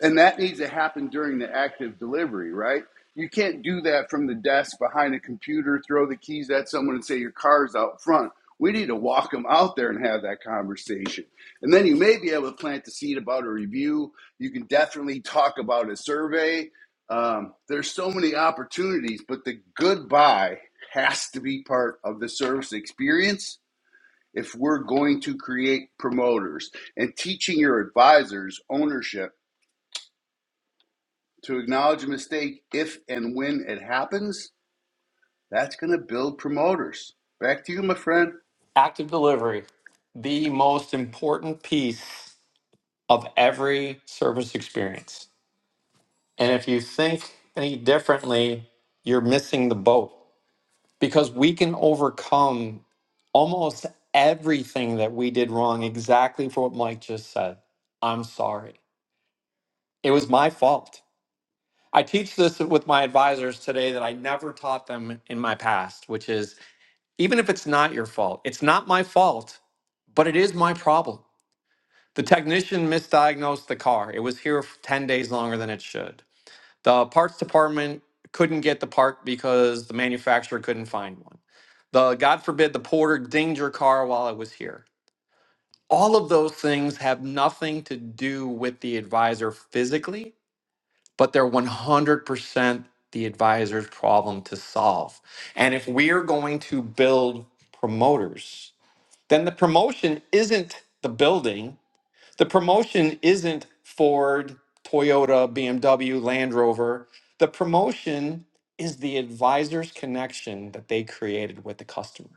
[SPEAKER 6] And that needs to happen during the active delivery, right? You can't do that from the desk behind a computer, throw the keys at someone and say your car's out front. We need to walk them out there and have that conversation. And then you may be able to plant the seed about a review. You can definitely talk about a survey. Um, there's so many opportunities, but the goodbye has to be part of the service experience if we're going to create promoters and teaching your advisors ownership to acknowledge a mistake if and when it happens, that's going to build promoters. Back to you, my friend.
[SPEAKER 1] Active delivery, the most important piece of every service experience. And if you think any differently, you're missing the boat because we can overcome almost everything that we did wrong exactly for what Mike just said. I'm sorry. It was my fault. I teach this with my advisors today that I never taught them in my past, which is even if it's not your fault, it's not my fault, but it is my problem. The technician misdiagnosed the car. It was here f- 10 days longer than it should. The parts department couldn't get the part because the manufacturer couldn't find one. The God forbid the porter dinged your car while it was here. All of those things have nothing to do with the advisor physically but they're 100% the advisor's problem to solve. And if we're going to build promoters, then the promotion isn't the building, the promotion isn't Ford, Toyota, BMW, Land Rover. The promotion is the advisor's connection that they created with the customer.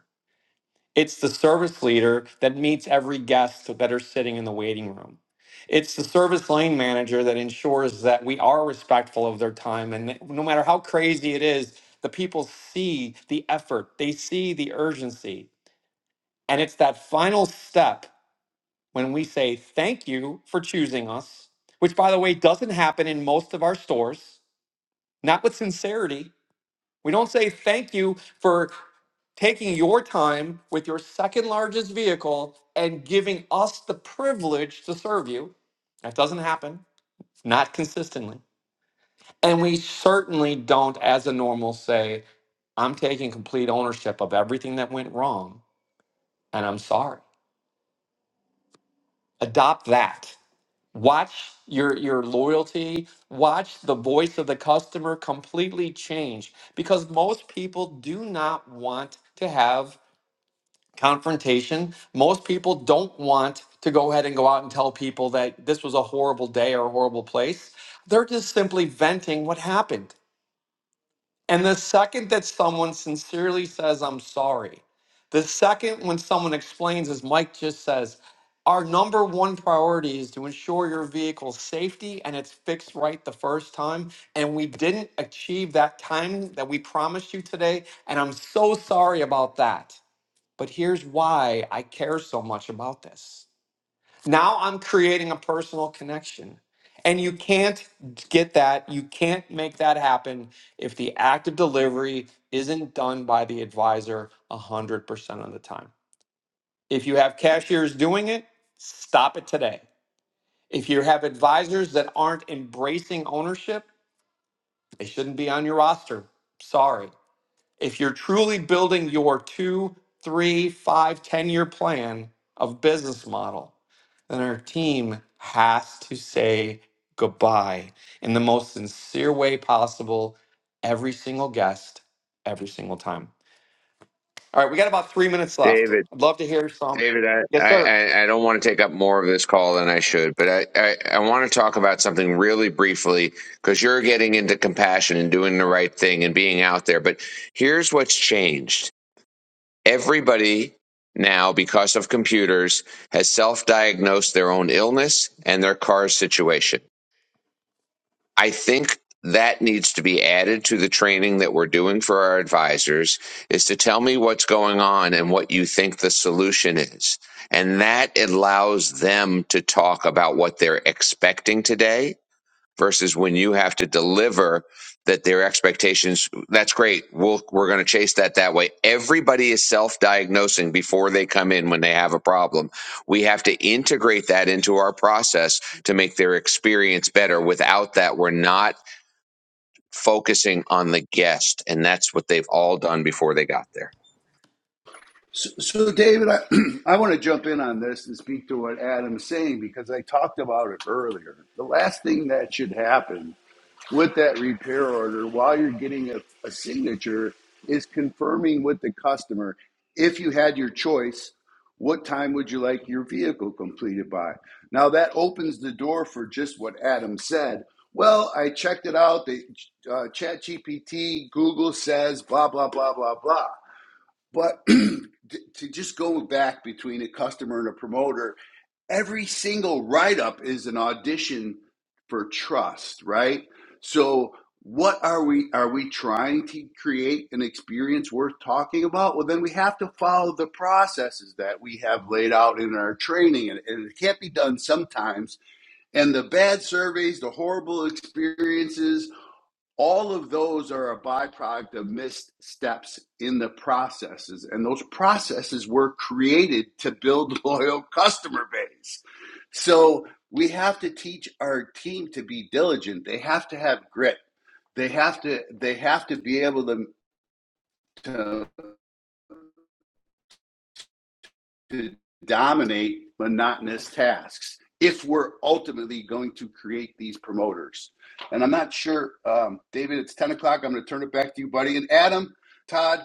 [SPEAKER 1] It's the service leader that meets every guest that are sitting in the waiting room. It's the service lane manager that ensures that we are respectful of their time. And that no matter how crazy it is, the people see the effort, they see the urgency. And it's that final step when we say, Thank you for choosing us, which, by the way, doesn't happen in most of our stores, not with sincerity we don't say thank you for taking your time with your second largest vehicle and giving us the privilege to serve you. That doesn't happen, not consistently. And we certainly don't, as a normal, say, I'm taking complete ownership of everything that went wrong and I'm sorry. Adopt that. Watch your, your loyalty, watch the voice of the customer completely change because most people do not want to have confrontation. Most people don't want to go ahead and go out and tell people that this was a horrible day or a horrible place. They're just simply venting what happened. And the second that someone sincerely says, I'm sorry, the second when someone explains, as Mike just says, our number one priority is to ensure your vehicle's safety and it's fixed right the first time. And we didn't achieve that time that we promised you today. And I'm so sorry about that but here's why I care so much about this. Now I'm creating a personal connection. And you can't get that, you can't make that happen if the act of delivery isn't done by the advisor 100% of the time. If you have cashiers doing it, stop it today. If you have advisors that aren't embracing ownership, they shouldn't be on your roster. Sorry if you're truly building your two, three, five, ten year plan of business model, then our team has to say goodbye in the most sincere way possible, every single guest, every single time. All right, we got about three minutes left.
[SPEAKER 8] David,
[SPEAKER 1] I'd love to hear some.
[SPEAKER 8] David, I,
[SPEAKER 1] Yes,
[SPEAKER 8] I,
[SPEAKER 1] sir.
[SPEAKER 8] I don't want to take up more of this call than I should, but I, I, I want to talk about something really briefly because you're getting into compassion and doing the right thing and being out there. But here's what's changed everybody now, because of computers, has self diagnosed their own illness and their car situation. I think that needs to be added to the training that we're doing for our advisors is to tell me what's going on and what you think the solution is. And that allows them to talk about what they're expecting today versus when you have to deliver that their expectations that's great we'll, we're going to chase that that way everybody is self-diagnosing before they come in when they have a problem we have to integrate that into our process to make their experience better without that we're not focusing on the guest and that's what they've all done before they got there
[SPEAKER 6] So, so David, I, [clears throat] I want to jump in on this and speak to what Adam's saying because I talked about it earlier. The last thing that should happen with that repair order while you're getting a, a signature is confirming with the customer if you had your choice what time would you like your vehicle completed by now that opens the door for just what adam said well i checked it out the uh, chat google says blah blah blah blah blah but [clears throat] to to just go back between a customer and a promoter every single write up is an audition for trust, right? So what are we are we trying to create an experience worth talking about? Well, then we have to follow the processes that we have laid out in our training and, and it can't be done sometimes. And the bad surveys, the horrible experiences, all of those are a byproduct of missed steps in the processes and those processes were created to build [laughs] loyal customer base so we have to teach our team to be diligent they have to have grit they have to they have to be able to to, to dominate monotonous tasks if we're ultimately going to create these promoters and i'm not sure um, david it's 10 o'clock i'm going to turn it back to you buddy and adam Todd,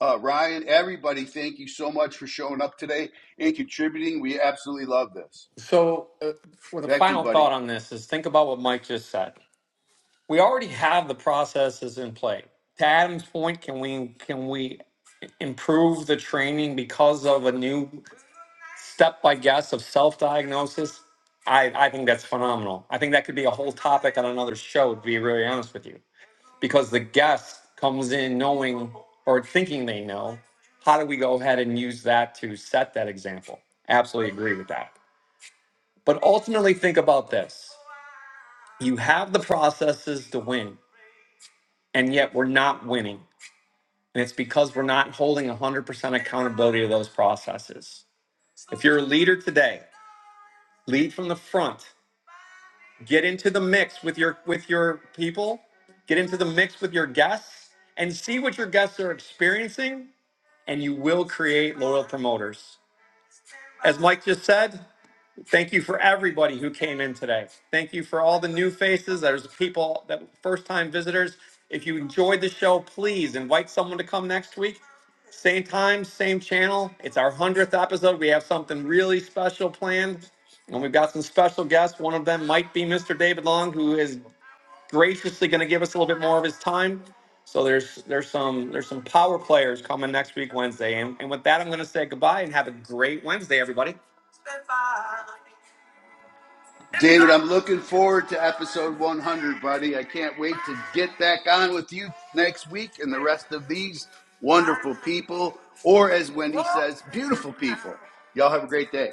[SPEAKER 6] Uh, Ryan, everybody, thank you so much for showing up today and contributing. We absolutely love this.
[SPEAKER 1] So, uh, for the
[SPEAKER 6] Back to you,
[SPEAKER 1] final
[SPEAKER 6] buddy.
[SPEAKER 1] thought on this, is think about what Mike just said. we already have the processes in play. To Adam's point, can we can we improve the training because of a new step by guess of self diagnosis? I, I think that's phenomenal. I think that could be a whole topic on another show, to be really honest with you. Because the guest comes in knowing or thinking they know. How do we go ahead and use that to set that example? Absolutely agree with that. But ultimately, think about this you have the processes to win, and yet we're not winning. And it's because we're not holding 100% accountability of those processes. If you're a leader today, lead from the front. Get into the mix with your with your people, get into the mix with your guests and see what your guests are experiencing and you will create loyal promoters. As Mike just said, Thank you for everybody who came in today. Thank you for all the new faces. There's people that first time visitors. If you enjoyed the show, please invite someone to come next week. Same time, same channel. It's our 100th episode. We have something really special planned. And we've got some special guests. One of them might be Mr. David Long, who is graciously going to give us a little bit more of his time. So there's there's some there's some power players coming next week Wednesday. And, and with that, I'm going to say goodbye and have a great Wednesday, everybody.
[SPEAKER 6] David, I'm looking forward to episode 100, buddy. I can't wait to get back on with you next week and the rest of these wonderful people, or as Wendy says, beautiful people. Y'all have a great day.